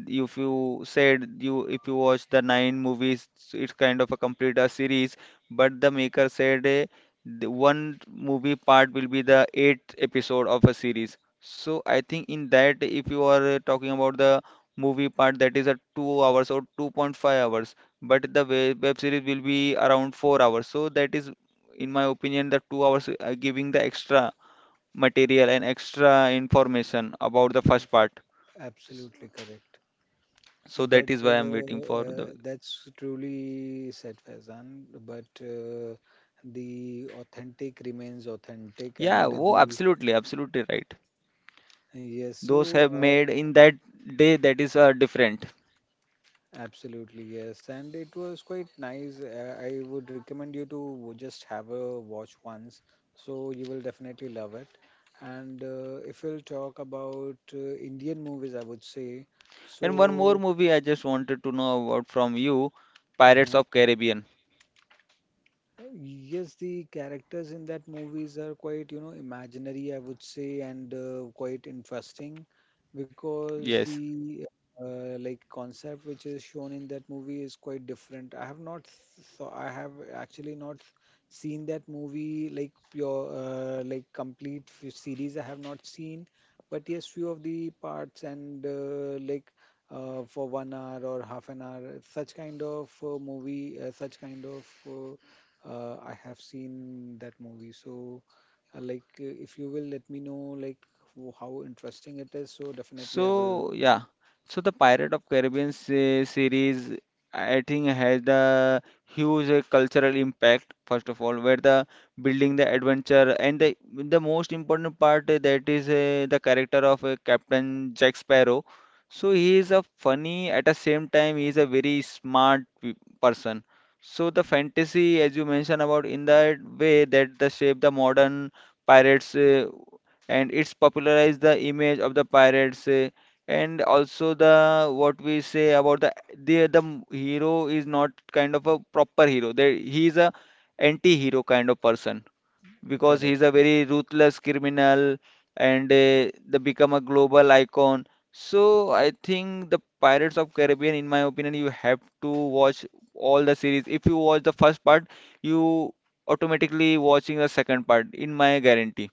Speaker 1: if you said you if you watch the nine movies, so it's kind of a complete a series, but the maker said the one movie part will be the eighth episode of a series. So I think in that, if you are talking about the movie part, that is a 2 hours or 2.5 hours, but the web series will be around 4 hours. So that is in my opinion, the 2 hours giving the extra material and extra information about the
Speaker 2: mm,
Speaker 1: first part.
Speaker 2: absolutely correct.
Speaker 1: So that
Speaker 2: But
Speaker 1: is why I'm waiting for the.
Speaker 2: that's truly said, Faizan. But the authentic remains authentic, and
Speaker 1: Yeah, oh,
Speaker 2: the
Speaker 1: absolutely, absolutely right.
Speaker 2: yes,
Speaker 1: Those
Speaker 2: so
Speaker 1: have made in that day, that is different.
Speaker 2: absolutely yes, and it was quite nice. I would recommend you to just have a watch once, so you will definitely love it. And if we'll talk about Indian movies, I would say
Speaker 1: And one more
Speaker 2: so.
Speaker 1: movie I just wanted to know about from you, Pirates
Speaker 2: Mm-hmm.
Speaker 1: of Caribbean.
Speaker 2: Yes, the characters in that movies are quite, you know, imaginary, I would say, and quite interesting because
Speaker 1: Yes.
Speaker 2: the like concept which is shown in that movie is quite different. I have not so I have actually not seen that movie like pure like complete series. I have not seen, but yes, few of the parts and like. For one hour or half an hour, such kind of movie, such kind of I have seen that movie. So, if you will let me know, like, how interesting it is, so definitely I will
Speaker 1: So
Speaker 2: be
Speaker 1: yeah, so the Pirate of Caribbean se- series, I think, has the huge cultural impact. First of all, where the building the adventure and the most important part that is the character of Captain Jack Sparrow. So he is a funny, at the same time he is a very smart pe- person. So the fantasy, as you mentioned about in that way, that the shape the modern pirates. And it's popularized the image of the pirates eh, and also the what we say about the m- hero is not kind of a proper hero, there he is a anti-hero kind of person, because he's
Speaker 2: correct.
Speaker 1: a very ruthless criminal. And they become a global icon. So I think the Pirates of Caribbean, in my opinion you have to watch all the series. If you watch the first part, you automatically watching the second part, in my guarantee,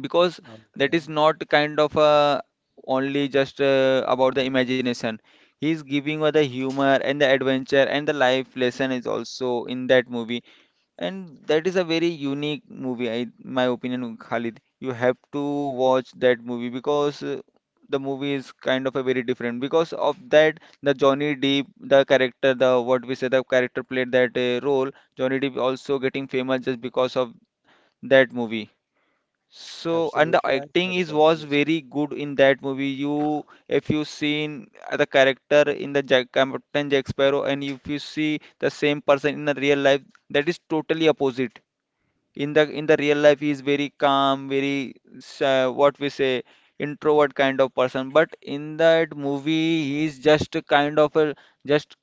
Speaker 1: because that is
Speaker 2: Okay,
Speaker 1: not kind of only just about the imagination. He is giving us the humor and the adventure and the life lesson is also in that movie, and that is a very unique movie, I, my opinion, Khalid. You have to watch that movie, because the movie is kind of a very different. Because of that, the Johnny Depp, the character, the what we say, the character played that role. Johnny Depp also getting famous just because of that movie. So, and the
Speaker 2: absolutely. I've
Speaker 1: acting
Speaker 2: heard
Speaker 1: is
Speaker 2: about
Speaker 1: was
Speaker 2: this.
Speaker 1: very good in that movie. You, if you seen the character in the Jack, Captain Jack Sparrow, and if you see the same person in the real life, that is totally opposite. In the real life, he is very calm, very what we say introvert kind of person. But in that movie, he is just a kind of a just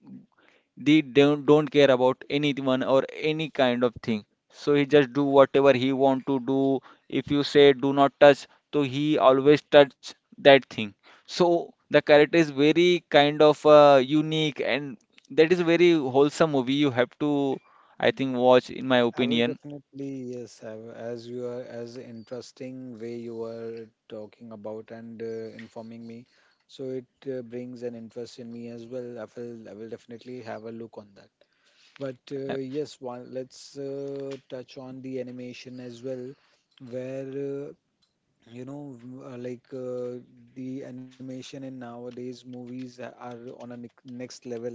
Speaker 1: they don't care about anyone or any kind of thing. So he just do whatever he want to do. If you say do not touch, so he always touch that thing. So the character is very kind of unique, and that is a very wholesome movie. You have to, I think, watch in my
Speaker 2: I will
Speaker 1: opinion.
Speaker 2: definitely, yes, as you are, as interesting way you are talking about and informing me, so it brings an interest in me as well. I will definitely have a look on that. But
Speaker 1: Uh,
Speaker 2: yes, one let's touch on the animation as well, where you know m- uh, like uh, the animation in nowadays movies are on a next level,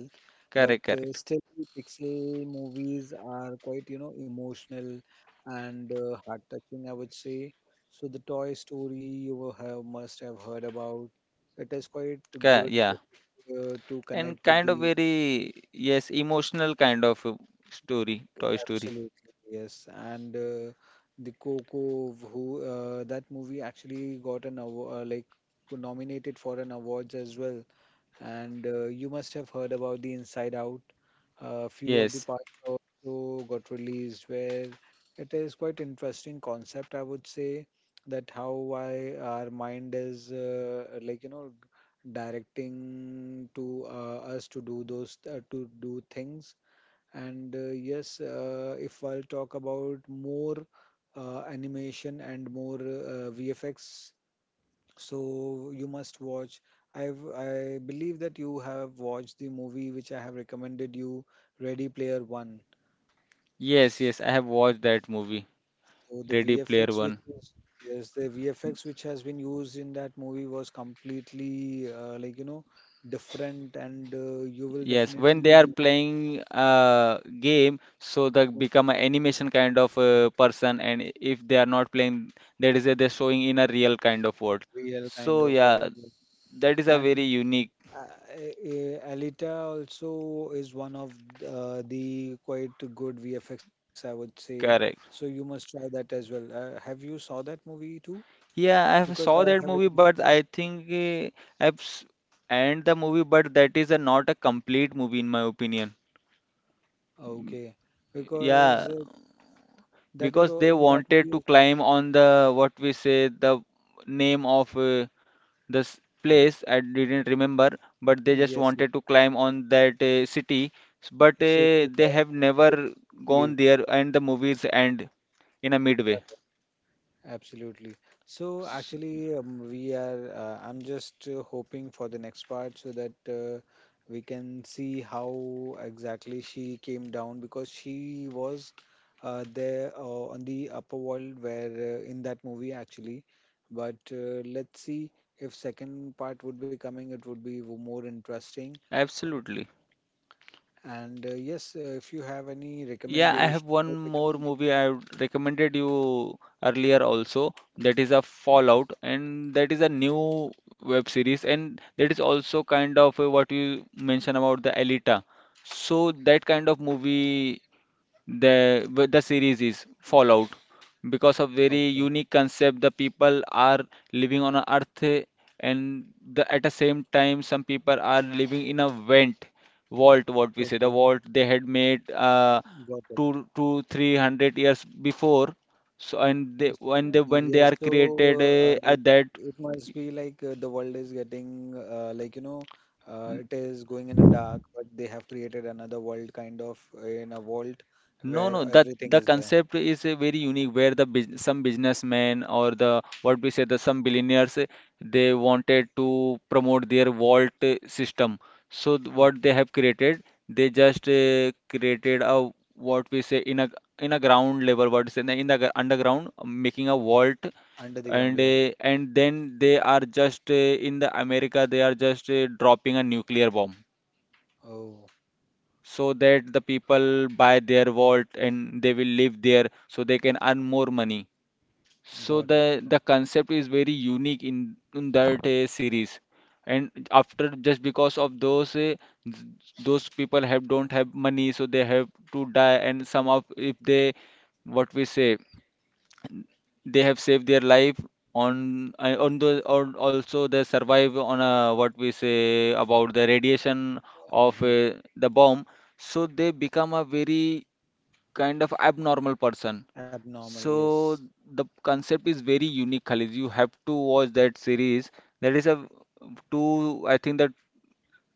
Speaker 2: but
Speaker 1: Correct, correct.
Speaker 2: still pixel movies are quite you know emotional and heart touching, I would say. So the Toy Story you will have must have heard about. It is quite
Speaker 1: Ca-
Speaker 2: good
Speaker 1: Yeah.
Speaker 2: to
Speaker 1: And
Speaker 2: connect with
Speaker 1: kind of
Speaker 2: the
Speaker 1: very, yes, emotional kind of story, Toy Story.
Speaker 2: absolutely, yes. And the Coco, who that movie actually got an award, nominated for an awards as well. And you must have heard about the Inside Out. A few of the
Speaker 1: Yes,
Speaker 2: parts also got released, where it is quite interesting concept, I would say, that how why our mind is directing to us to do those to do things and yes, if I'll talk about more animation and more VFX, so you must watch. I believe that you have watched the movie which I have recommended you, Ready Player One.
Speaker 1: yes, yes. I
Speaker 2: So
Speaker 1: have watched that movie.
Speaker 2: the
Speaker 1: Ready Player
Speaker 2: VFX which
Speaker 1: One.
Speaker 2: is yes, the VFX which has been used in that movie was completely different, and you will
Speaker 1: Yes, when they
Speaker 2: definitely
Speaker 1: are
Speaker 2: be
Speaker 1: playing a game, so they
Speaker 2: in
Speaker 1: become an animation kind of person, and if they are not playing, that is a, they're showing in a real kind of world.
Speaker 2: real kind
Speaker 1: So
Speaker 2: of
Speaker 1: yeah,
Speaker 2: world. Yes.
Speaker 1: that is a very
Speaker 2: And
Speaker 1: unique
Speaker 2: Alita also is one of the quite good VFX, I would say. So
Speaker 1: correct.
Speaker 2: you must try that as well. Have you saw that movie too?
Speaker 1: Yeah, I have
Speaker 2: Because I
Speaker 1: saw that
Speaker 2: have
Speaker 1: movie,
Speaker 2: recommended.
Speaker 1: but I think I've s- and the movie, but that is a, not a complete movie in my opinion.
Speaker 2: Okay,
Speaker 1: Yeah,
Speaker 2: because that is
Speaker 1: because
Speaker 2: all
Speaker 1: they
Speaker 2: in that
Speaker 1: wanted
Speaker 2: movie
Speaker 1: to
Speaker 2: as well.
Speaker 1: climb on the what we say the name of. This place I didn't remember, but they just
Speaker 2: Yes, yes.
Speaker 1: wanted to climb on that city. S- but
Speaker 2: City
Speaker 1: they have never
Speaker 2: where
Speaker 1: gone
Speaker 2: you
Speaker 1: there, and the movies end in a midway.
Speaker 2: live. Absolutely. So
Speaker 1: S-
Speaker 2: actually, we are. I'm just hoping for the next part so that we can see how exactly she came down because she was there on the upper world where in that movie actually. But let's see if second part would be coming. It would be more interesting.
Speaker 1: absolutely.
Speaker 2: And yes, if you have any
Speaker 1: Yeah, I
Speaker 2: recommendation,
Speaker 1: have one more
Speaker 2: recommendation.
Speaker 1: movie I would recommended you earlier also. That is a Fallout, and that is a new web series, and that is also kind of what you mentioned about the Alita. So that kind of movie. The but the series is Fallout because of very
Speaker 2: Okay.
Speaker 1: unique concept. The people are living on a earth, and the at the same time, some people are living in a vent vault. What we say,
Speaker 2: Okay.
Speaker 1: the vault they had made
Speaker 2: Got it.
Speaker 1: two to three hundred years before. So and they,
Speaker 2: S-
Speaker 1: when they when
Speaker 2: Yes,
Speaker 1: they are created
Speaker 2: so like
Speaker 1: at that.
Speaker 2: it must be like the world is getting uh, like you know it is going in a dark, but they have created another world kind of in a vault
Speaker 1: No,
Speaker 2: where
Speaker 1: no, that
Speaker 2: everything is
Speaker 1: the
Speaker 2: there.
Speaker 1: concept is very unique where the bus some businessmen or the what we say the some billionaires they wanted to promote their vault system. So what
Speaker 2: Okay.
Speaker 1: they have created, they just created a what we say in a ground level what is in the underground making a vault
Speaker 2: Under the ground.
Speaker 1: and
Speaker 2: Yeah.
Speaker 1: uh, and then they are just in the America they are just dropping a nuclear bomb
Speaker 2: Oh,
Speaker 1: so that the people buy their vault and they will live there so they can earn more money. So
Speaker 2: got
Speaker 1: the
Speaker 2: it.
Speaker 1: the concept is very unique in that series. And after just because of th- those people have don't have money so they have to die and some of if they what we say they have saved their life on and on the on also they survive on a, what we say about the radiation of
Speaker 2: Hmm.
Speaker 1: the bomb so they become a very kind of abnormal person.
Speaker 2: Abnormal. Yes.
Speaker 1: So the concept is very unique, Khalid, you have to watch that series. That is a two, I think, that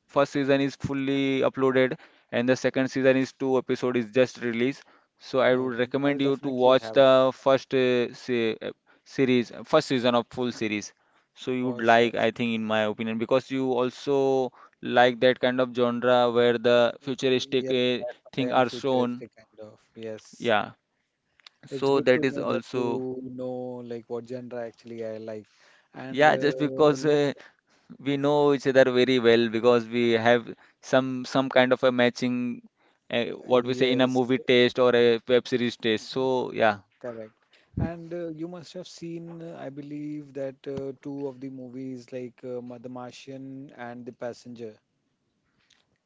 Speaker 1: first season is fully uploaded, and the second season is two episode is just released. So I would
Speaker 2: Okay. I'll
Speaker 1: recommend you to
Speaker 2: definitely
Speaker 1: watch
Speaker 2: have it
Speaker 1: the first se uh, series, first season of full series. So you
Speaker 2: for
Speaker 1: would
Speaker 2: sure.
Speaker 1: like, I think, in my opinion, because you also like that kind of genre where the
Speaker 2: Y- Yes,
Speaker 1: futuristic
Speaker 2: sci-fi
Speaker 1: thing
Speaker 2: and
Speaker 1: are shown.
Speaker 2: futuristic kind of. Yes.
Speaker 1: Yeah.
Speaker 2: It's
Speaker 1: So
Speaker 2: good to
Speaker 1: that is
Speaker 2: know that
Speaker 1: also,
Speaker 2: you know like what genre actually I like. And
Speaker 1: yeah, just because
Speaker 2: let,
Speaker 1: we know each other very well because we have some kind of a matching uh, what we say in a
Speaker 2: yes,
Speaker 1: movie taste or a web series taste. So yeah,
Speaker 2: correct. And you must have seen, I believe, that two of the movies like The Martian and The Passenger.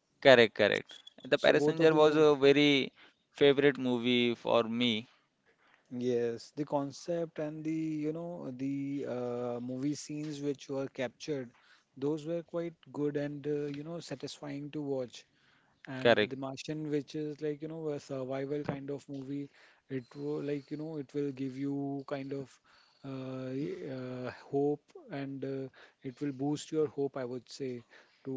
Speaker 1: correct, correct. The
Speaker 2: So both
Speaker 1: Passenger
Speaker 2: of the
Speaker 1: was
Speaker 2: movies,
Speaker 1: a very favorite movie for me.
Speaker 2: yes, the concept and the you know the movie scenes which were captured, those were quite good and you know satisfying to watch. And
Speaker 1: Correct,
Speaker 2: The Martian, which is like, you know, a survival kind of movie. It will like, you know, it will give you kind of hope and it will boost your hope, I would say, to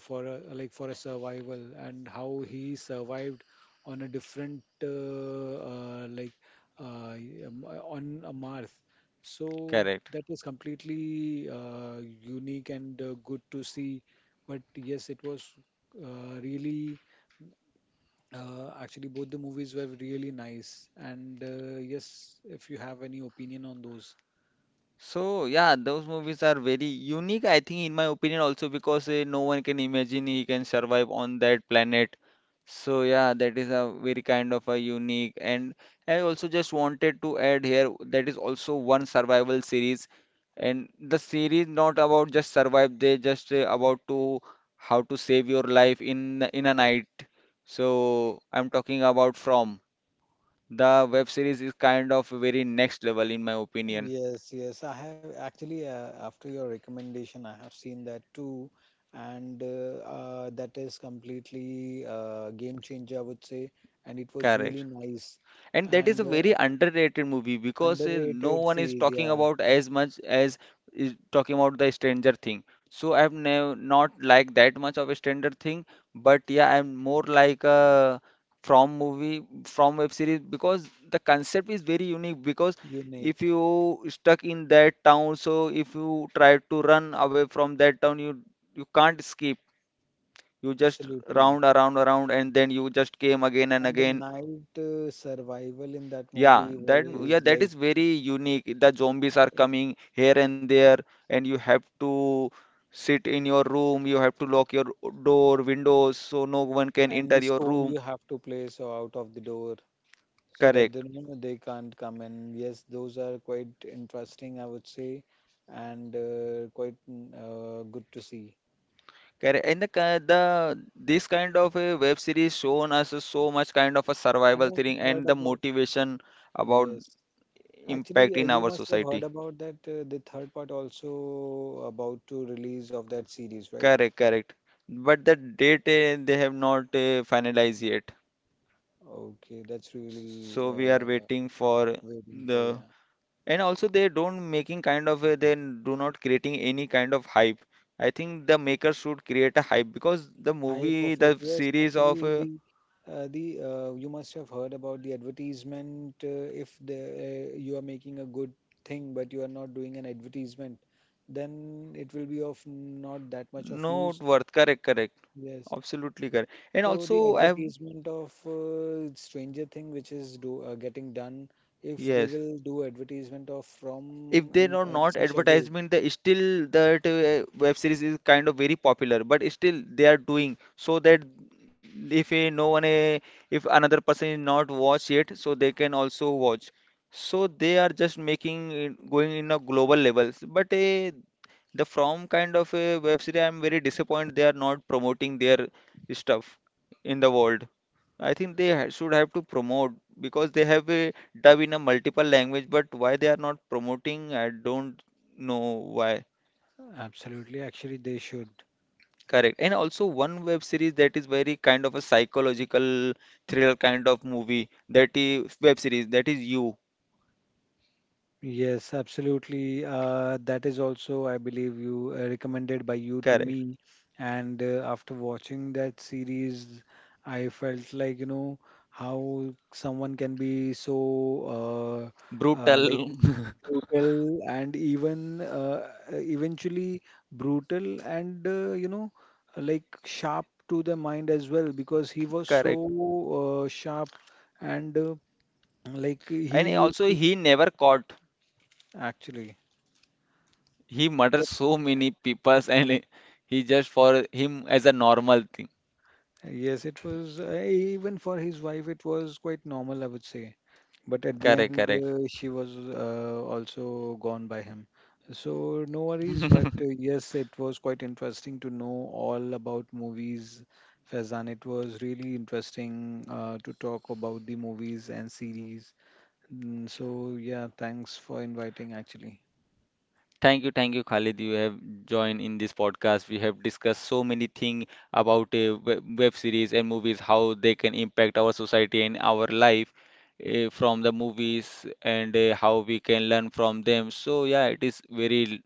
Speaker 2: for a, like for a survival and how he survived on a different like on a Mars. So
Speaker 1: correct.
Speaker 2: that was completely unique and good to see. But yes, it was really actually, both the movies were really nice. And yes, if you have any opinion on those.
Speaker 1: So yeah, those movies are very unique, I think, in my opinion, also because no one can imagine he can survive on that planet. So yeah, that is a very kind of a unique. And I also just wanted to add here that is also one survival series, and the series not about just survive. They just about to how to save your life in a night. So I'm talking about From. The web series is kind of very next level in my opinion.
Speaker 2: Yes, yes. I have actually, after your recommendation, I have seen that too. And that is completely game changer, I would say. And it was
Speaker 1: Correct.
Speaker 2: really nice
Speaker 1: And that is
Speaker 2: and
Speaker 1: a very underrated movie because no
Speaker 2: underrated
Speaker 1: one is
Speaker 2: series.
Speaker 1: talking
Speaker 2: Yeah,
Speaker 1: about as much as is talking about the Stranger Thing. So I've never not liked that much of a Stranger Thing, but yeah, I'm more like a from movie from web series because the concept is very unique because if
Speaker 2: unique.
Speaker 1: you stuck in that town, so if you try to run away from that town, you can't escape. You just
Speaker 2: Absolutely.
Speaker 1: round around around and then you just came again and
Speaker 2: And the
Speaker 1: again.
Speaker 2: night survival in that
Speaker 1: Yeah,
Speaker 2: movie was, is
Speaker 1: that
Speaker 2: like,
Speaker 1: is very unique. The zombies are coming here and there, and you have to sit in your room. You have to lock your door, windows, so no one can
Speaker 2: and the
Speaker 1: enter your
Speaker 2: stone
Speaker 1: room.
Speaker 2: you have to place out of the door, so that they
Speaker 1: Correct.
Speaker 2: know they can't come. And yes, those are quite interesting, I would say, and quite good to see.
Speaker 1: Correct. And the ki- the this kind of a web series shown us so much kind of a
Speaker 2: And
Speaker 1: survival thing
Speaker 2: I've heard
Speaker 1: and the
Speaker 2: about
Speaker 1: motivation about
Speaker 2: yes,
Speaker 1: impact
Speaker 2: actually,
Speaker 1: in
Speaker 2: you
Speaker 1: our
Speaker 2: must have heard
Speaker 1: society.
Speaker 2: about that the third part also about to release of that series, right?
Speaker 1: Correct. Correct. But the date they have not finalized yet,
Speaker 2: Okay, that's really
Speaker 1: so we are waiting for
Speaker 2: waiting for,
Speaker 1: the.
Speaker 2: yeah.
Speaker 1: And also they don't making kind of a, they do not creating any kind of hype. I think the maker should create a hype because the
Speaker 2: Hi,
Speaker 1: movie,
Speaker 2: profit.
Speaker 1: the
Speaker 2: Yes,
Speaker 1: series of
Speaker 2: actually, the you must have heard about the advertisement. If the you are making a good thing, but you are not doing an advertisement, then it will be of not that much of
Speaker 1: not
Speaker 2: use.
Speaker 1: worth. Correct, correct.
Speaker 2: Yes.
Speaker 1: Absolutely correct. And
Speaker 2: So the
Speaker 1: also I have
Speaker 2: advertisement of Stranger Thing, which is do getting done, if they
Speaker 1: yes.
Speaker 2: will do advertisement of
Speaker 1: If
Speaker 2: from
Speaker 1: they are
Speaker 2: in
Speaker 1: not
Speaker 2: such a way,
Speaker 1: advertisement, they still that web series is kind of very popular, but still they are doing so that if a no one if another person is not watch yet so they can also watch. So they are just making it going in a global levels. But the from kind of a web series, I'm very disappointed they are not promoting their stuff in the world. I think they should have to promote because they have a dub in a multiple language, but why they are not promoting, I don't know why.
Speaker 2: absolutely. Actually, they should.
Speaker 1: Correct. And also one web series that is very kind of a psychological thriller kind of movie. That is web series. That is you.
Speaker 2: Yes, absolutely. That is also, I believe, you recommended by you to
Speaker 1: Correct.
Speaker 2: me. And after watching that series, I felt like, you know, how someone can be so
Speaker 1: Brutal.
Speaker 2: like brutal and even eventually brutal and you know, like sharp to the mind as well because he was so
Speaker 1: Correct.
Speaker 2: sharp and like
Speaker 1: And
Speaker 2: he used
Speaker 1: also
Speaker 2: to
Speaker 1: he never caught.
Speaker 2: actually.
Speaker 1: He murdered so many peoples and he just for him as a normal thing.
Speaker 2: Yes, it was even for his wife, it was quite normal, I would say. But at the
Speaker 1: Correct.
Speaker 2: end,
Speaker 1: Correct.
Speaker 2: she was also gone by him. So no worries. But yes, it was quite interesting to know all about movies, Faizan. It was really interesting to talk about the movies and series. So yeah, thanks for inviting, actually.
Speaker 1: Thank you, Khalid. You have joined in this podcast. We have discussed so many things about web series and movies, how they can impact our society and our life from the movies, and how we can learn from them. So yeah, it is very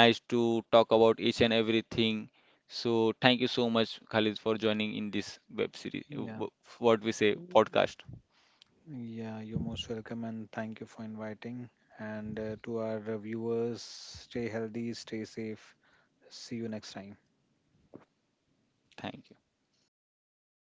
Speaker 1: nice to talk about each and everything. So thank you so much, Khalid, for joining in this web series. uh,
Speaker 2: Yeah.
Speaker 1: w- What we say, podcast.
Speaker 2: Yeah, you're most welcome and thank you for inviting. And to our viewers, stay healthy, stay safe. See you next time.
Speaker 1: Thank you.